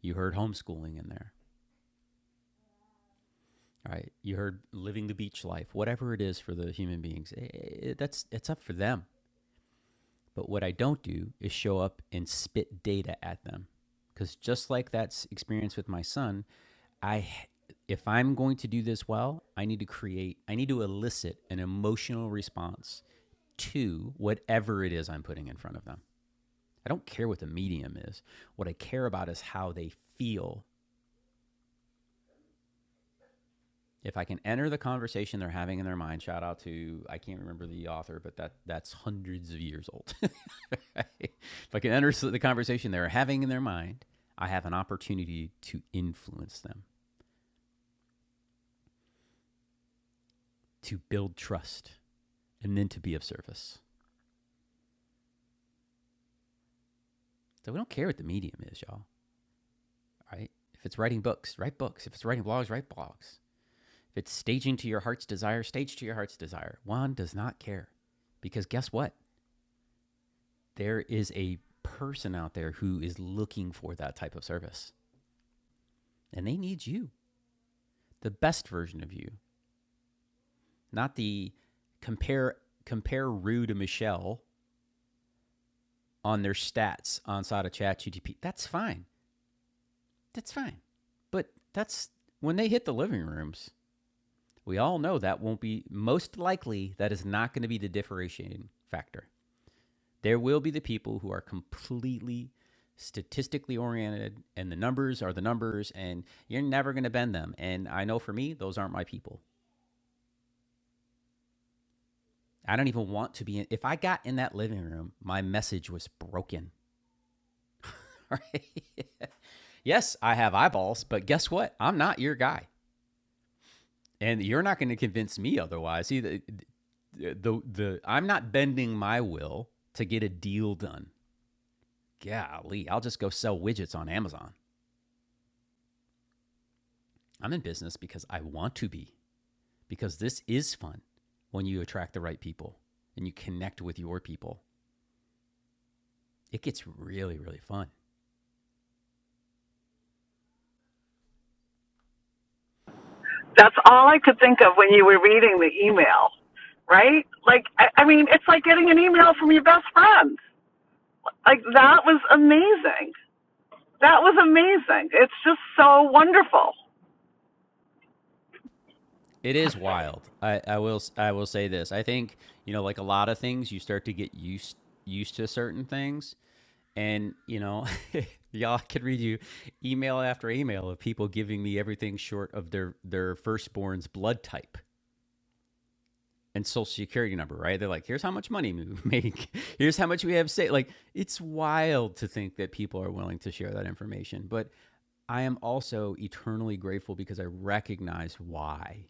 S1: You heard homeschooling in there, right? You heard living the beach life, whatever it is for the human beings. eh, eh, that's it's up for them. But what I don't do is show up and spit data at them, because just like that experience with my son, I, if I'm going to do this well, I need to create, I need to elicit an emotional response to whatever it is I'm putting in front of them. I don't care what the medium is. What I care about is how they feel if I can enter the conversation they're having in their mind, shout out to I can't remember the author, but that that's hundreds of years old. if I can enter the conversation they're having in their mind, I have an opportunity to influence them, to build trust, and then to be of service. So we don't care what the medium is, y'all. Right? If it's writing books, write books. If it's writing blogs, write blogs. If it's staging to your heart's desire, stage to your heart's desire. Juan does not care, because guess what? there is a person out there who is looking for that type of service and they need you, the best version of you, not the compare compare Rue to Michelle on their stats on side of chat That's fine. That's fine. But that's when they hit the living rooms, we all know that won't be most likely that is not going to be the differentiating factor. There will be the people who are completely statistically oriented and the numbers are the numbers and you're never going to bend them. And I know for me, those aren't my people. I don't even want to be in. If I got in that living room, my message was broken. Right? yes, I have eyeballs, but guess what? I'm not your guy. And you're not going to convince me otherwise. See, the, the, the, the, I'm not bending my will to get a deal done. Golly, I'll just go sell widgets on Amazon. I'm in business because I want to be, because this is fun when you attract the right people and you connect with your people. It gets really, really fun.
S16: That's all I could think of when you were reading the email, right? Like, I, I mean, it's like getting an email from your best friend. Like, that was amazing. That was amazing. It's just so wonderful.
S1: It is wild. I, I will I will say this. I think, you know, like a lot of things, you start to get used used to certain things. And, you know, y'all could read you email after email of people giving me everything short of their their firstborn's blood type and social security number, right? They're like, here's how much money we make. Here's how much we have saved. Like, it's wild to think that people are willing to share that information. But I am also eternally grateful because I recognize why.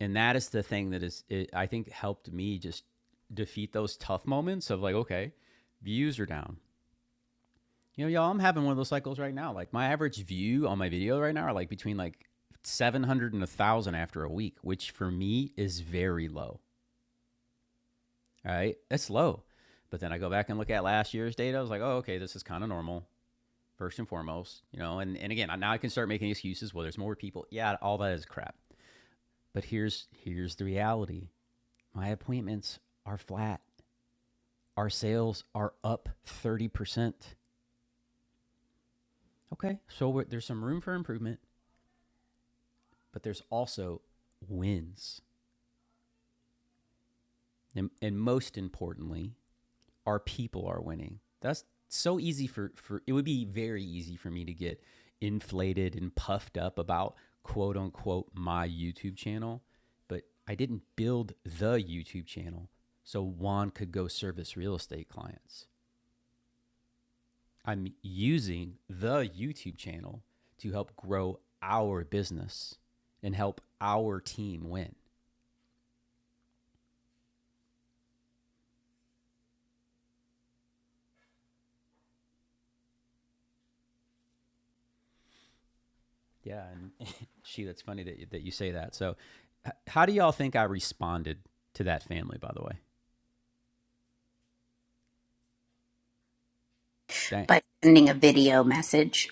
S1: And that is the thing that is, it, I think, helped me just defeat those tough moments of like, okay, views are down. You know, y'all, I'm having one of those cycles right now. Like, my average view on my video right now are like between like 700 and 1,000 after a week, which for me is very low All right. That's low. But then I go back and look at last year's data. I was like, oh, okay, this is kind of normal, first and foremost, you know. And, and again, now I can start making excuses. Well, there's more people. Yeah, all that is crap. But here's here's the reality. My appointments are flat. Our sales are up 30%. Okay. So we're, there's some room for improvement, but there's also wins. And, and most importantly, our people are winning. That's so easy for, for it would be very easy for me to get inflated and puffed up about quote unquote my YouTube channel, but I didn't build the YouTube channel so Juan could go service real estate clients. I'm using the YouTube channel to help grow our business and help our team win. Yeah, and she. That's funny that you, that you say that. So, h- how do y'all think I responded to that family? By the way, Dang,
S2: by sending a video message.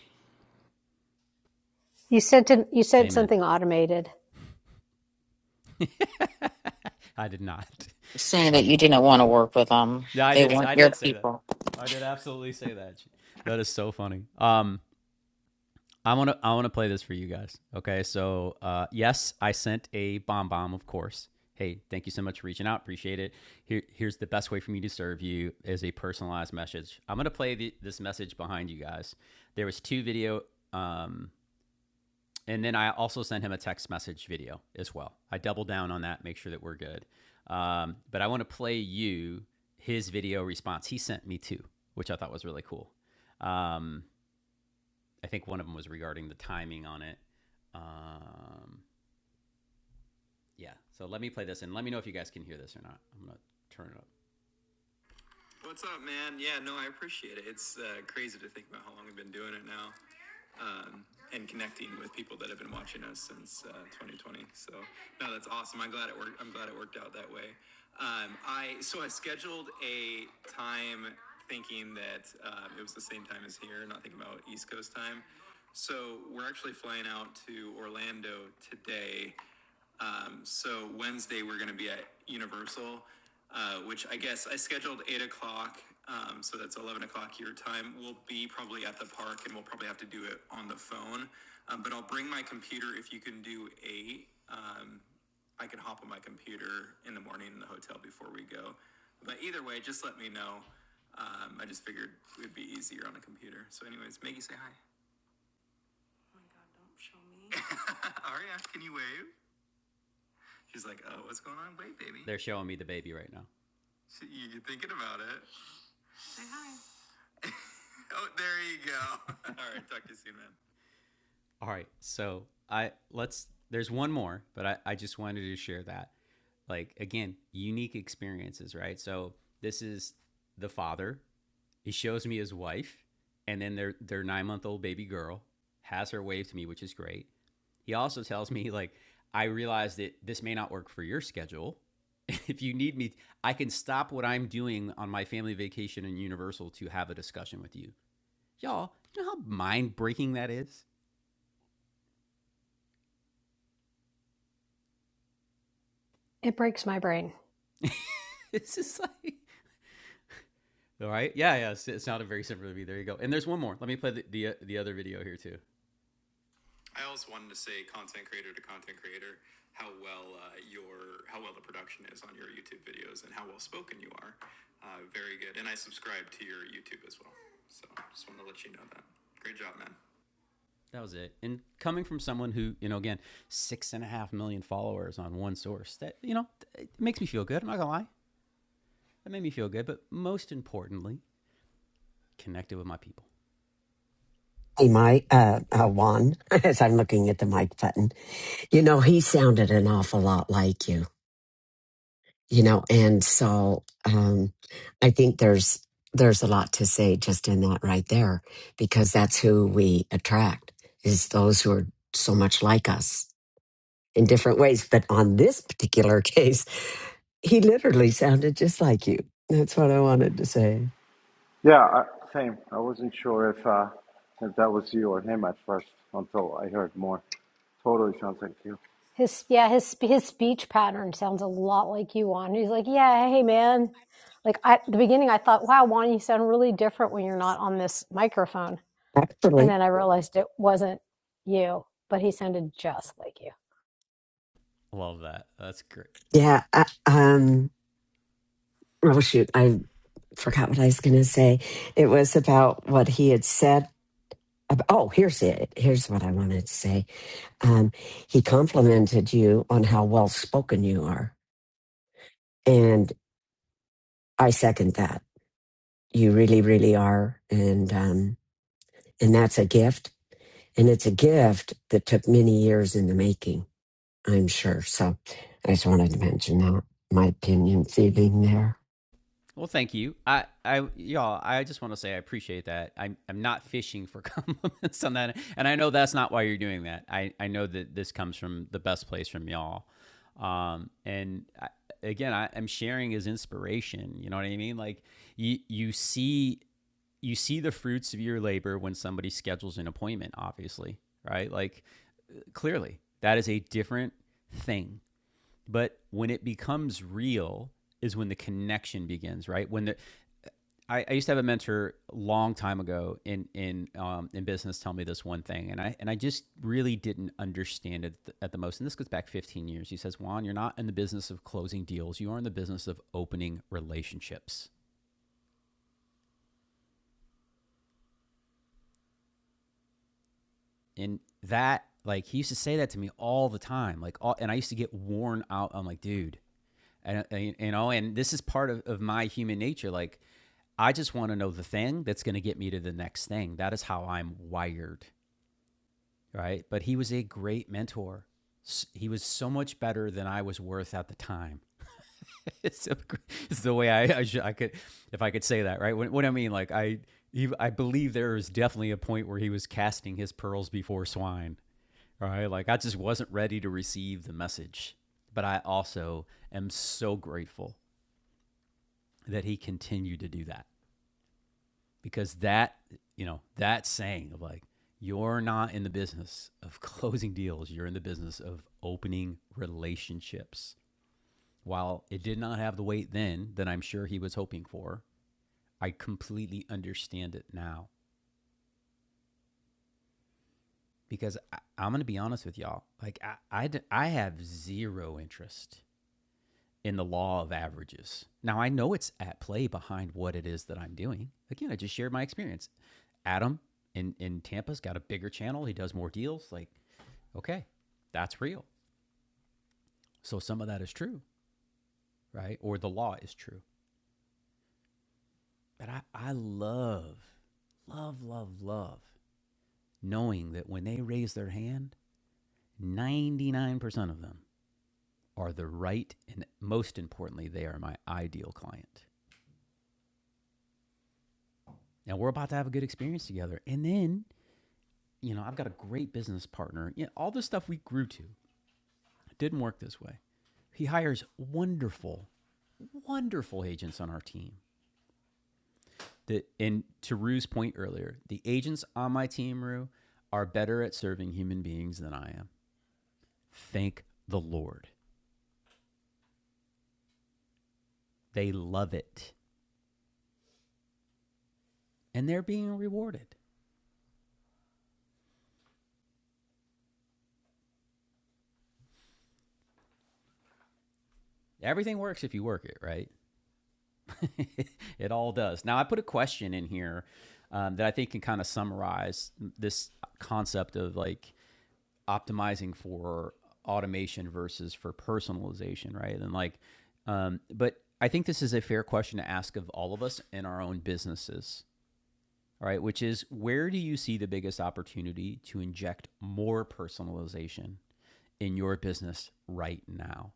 S13: you sent an, you sent
S1: amen.
S13: something automated.
S1: I did not.
S15: Saying that
S1: I,
S15: you didn't want to work with them.
S1: no, I
S15: They
S1: did.
S15: weren't
S1: I
S15: your
S1: did say that.
S15: people.
S1: I did absolutely say that. That is so funny. Um, I want to I want to play this for you guys. Okay, so uh, yes, I sent a bomb bomb, of course. Hey, thank you so much for reaching out. Appreciate it. Here, here's the best way for me to serve you is a personalized message. I'm gonna play the, this message behind you guys. There was two video, um, and then I also sent him a text message video as well. I double down on that, make sure that we're good. Um, but I want to play you his video response. He sent me two, which I thought was really cool. Um, I think one of them was regarding the timing on it. Um, yeah. So let me play this and let me know if you guys can hear this or not. I'm gonna turn it up. What's up, man? Yeah, no, I appreciate it. It's uh, crazy to think about how long we've been doing it now um, and connecting with people that have been watching us since uh, 2020. So, no, that's awesome. I'm glad it worked. I'm glad it worked out that way. Um, I so I scheduled a time thinking that um, it was the same time as here, not thinking about East Coast time. So we're actually flying out to Orlando today um, so Wednesday we're going to be at Universal, uh, which I guess I scheduled eight o'clock. Um, so that's eleven o'clock your time. We'll be probably at the park, and we'll probably have to do it on the phone. Um, but I'll bring my computer if you can do eight. Um, I can hop on my computer in the morning in the hotel before we go. But either way, just let me know. Um, I just figured it would be easier on a computer. So, anyways, Maggie, say hi. Aria, can you wave? She's like, oh, what's going on? Wait, baby. They're showing me the baby right now. She, you- you're thinking about it. oh, there you go. All right, talk to you soon, man. All right. So I let's there's one more, but I, I just wanted to share that. Like again, unique experiences, right? So this is the father. He shows me his wife, and then their their nine month old baby girl has her wave to me, which is great. He also tells me, like, I realize that this may not work for your schedule. If you need me, I can stop what I'm doing on my family vacation in Universal to have a discussion with you. Y'all, you know how mind breaking that is?
S13: It breaks my brain.
S1: it's just like, all right. Yeah, yeah. It's, it's not a very simple to be. There you go. And there's one more. Let me play the, the, uh, the other video here, too. I also wanted to say, content creator to content creator, how well uh, your how well the production is on your YouTube videos and how well spoken you are. Uh, very good, and I subscribe to your YouTube as well. So just wanted to let you know that. Great job, man. That was it. And coming from someone who, you know, again, six and a half million followers on one source, that, you know, it makes me feel good. I'm not going to lie. That made me feel good. But most importantly, connected with my people.
S10: Hey, Mike, uh, uh, Juan, as I'm looking at the mic button, you know, he sounded an awful lot like you. you know and so um i think there's there's a lot to say just in that right there because that's who we attract is those who are so much like us in different ways but on this particular case he literally sounded just like you that's what i wanted to say
S8: Yeah, I, same. I wasn't sure if uh, if that was you or him at first until I heard more. Totally sounds like you.
S13: His yeah, his his speech pattern sounds a lot like you on. He's like, yeah, hey man. Like I, at the beginning, I thought, wow, Juan, you sound really different when you're not on this microphone, and
S10: actually
S13: then I realized it wasn't you, but he sounded just like you.
S1: Love that. That's great.
S10: yeah I, um oh shoot i forgot what i was going to say it was about what he had said ab- oh here's it here's what i wanted to say Um, he complimented you on how well spoken you are, and I second that. You really, really are, and um, and that's a gift, and it's a gift that took many years in the making, I'm sure. So, I just wanted to mention that my opinion, feeling there.
S1: Well, thank you. I, I, y'all, I just want to say I appreciate that. I'm, I'm not fishing for compliments on that, and I know that's not why you're doing that. I, I know that this comes from the best place from y'all, um, and I, again, I am sharing as inspiration. You know what I mean? Like you, you see, you see the fruits of your labor when somebody schedules an appointment. Obviously, right? Like clearly, that is a different thing. But when it becomes real is when the connection begins, right? When the I, I used to have a mentor a long time ago in in um, in business tell me this one thing, and I and I just really didn't understand it at the, at the most. And this goes back 15 years. He says, Juan, you're not in the business of closing deals. You are in the business of opening relationships. And that, like, he used to say that to me all the time. Like, all, and I used to get worn out. I'm like, dude, and, uh, and you know, and this is part of, of my human nature. Like, I just want to know the thing that's going to get me to the next thing. That is how I'm wired. right? But he was a great mentor. He was so much better than I was worth at the time. it's, so it's the way I, I, should, I could, if I could say that, right? What, what I mean, like I, he, I believe there is definitely a point where he was casting his pearls before swine, right? Like I just wasn't ready to receive the message, but I also am so grateful that he continued to do that. because that you know that saying of like you're not in the business of closing deals you're in the business of opening relationships while it did not have the weight then that i'm sure he was hoping for i completely understand it now because I, i'm going to be honest with y'all like I I I have zero interest in the law of averages. Now, I know it's at play behind what it is that I'm doing. Again, I just shared my experience. Adam in, in Tampa's got a bigger channel, he does more deals. Like, okay, that's real. So some of that is true, right? Or the law is true. But I, I love, love, love, love knowing that when they raise their hand, 99% of them are the right, and most importantly, they are my ideal client. And we're about to have a good experience together. And then you know, I've got a great business partner. You know, all the stuff we grew to didn't work this way. He hires wonderful, wonderful agents on our team. That and to Rue's point earlier, the agents on my team, Rue, are better at serving human beings than I am. Thank the Lord. They love it. And they're being rewarded. Everything works if you work it, right? it all does. Now, I put a question in here um, that I think can kind of summarize this concept of like optimizing for automation versus for personalization, right? And like, um, but I think this is a fair question to ask of all of us in our own businesses, all right? Which is where do you see the biggest opportunity to inject more personalization in your business right now?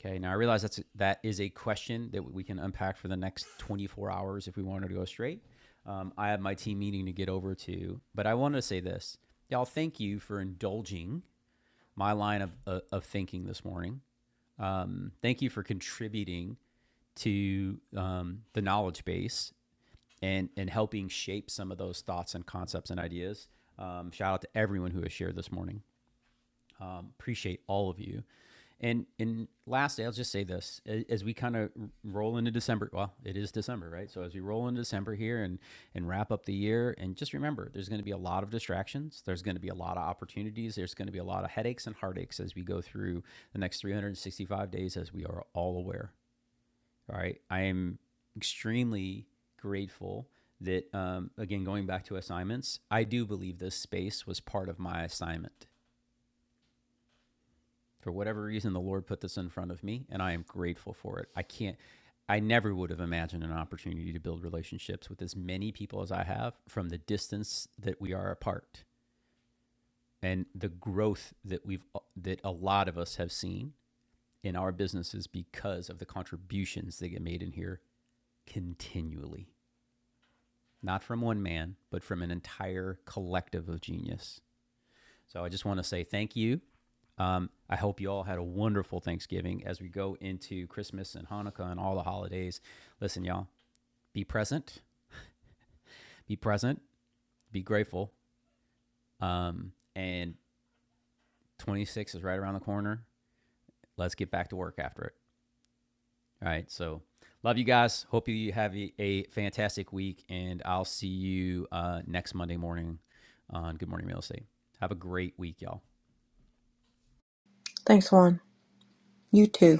S1: Okay, now I realize that's that is a question that we can unpack for the next 24 hours if we wanted to go straight. Um, I have my team meeting to get over to, but I want to say this, y'all. Thank you for indulging my line of, of, of thinking this morning. Um, thank you for contributing to um, the knowledge base and, and helping shape some of those thoughts and concepts and ideas. Um, shout out to everyone who has shared this morning um, appreciate all of you. And and lastly, I'll just say this: as we kind of roll into December, well, it is December, right? So as we roll into December here and and wrap up the year, and just remember, there's going to be a lot of distractions. There's going to be a lot of opportunities. There's going to be a lot of headaches and heartaches as we go through the next 365 days, as we are all aware. All right, I am extremely grateful that um, again going back to assignments i do believe this space was part of my assignment for whatever reason, the Lord put this in front of me, and I am grateful for it. I can't, I never would have imagined an opportunity to build relationships with as many people as I have from the distance that we are apart and the growth that we've, that a lot of us have seen in our businesses because of the contributions that get made in here continually, not from one man, but from an entire collective of genius. So I just want to say thank you Um, I hope you all had a wonderful Thanksgiving as we go into Christmas and Hanukkah and all the holidays. Listen, y'all, be present, be present, be grateful. Um, and 26 is right around the corner. Let's get back to work after it. All right. So, love you guys. Hope you have a, a fantastic week, and I'll see you uh, next Monday morning on Good Morning Real Estate. Have a great week, y'all.
S12: Thanks, Juan. You too.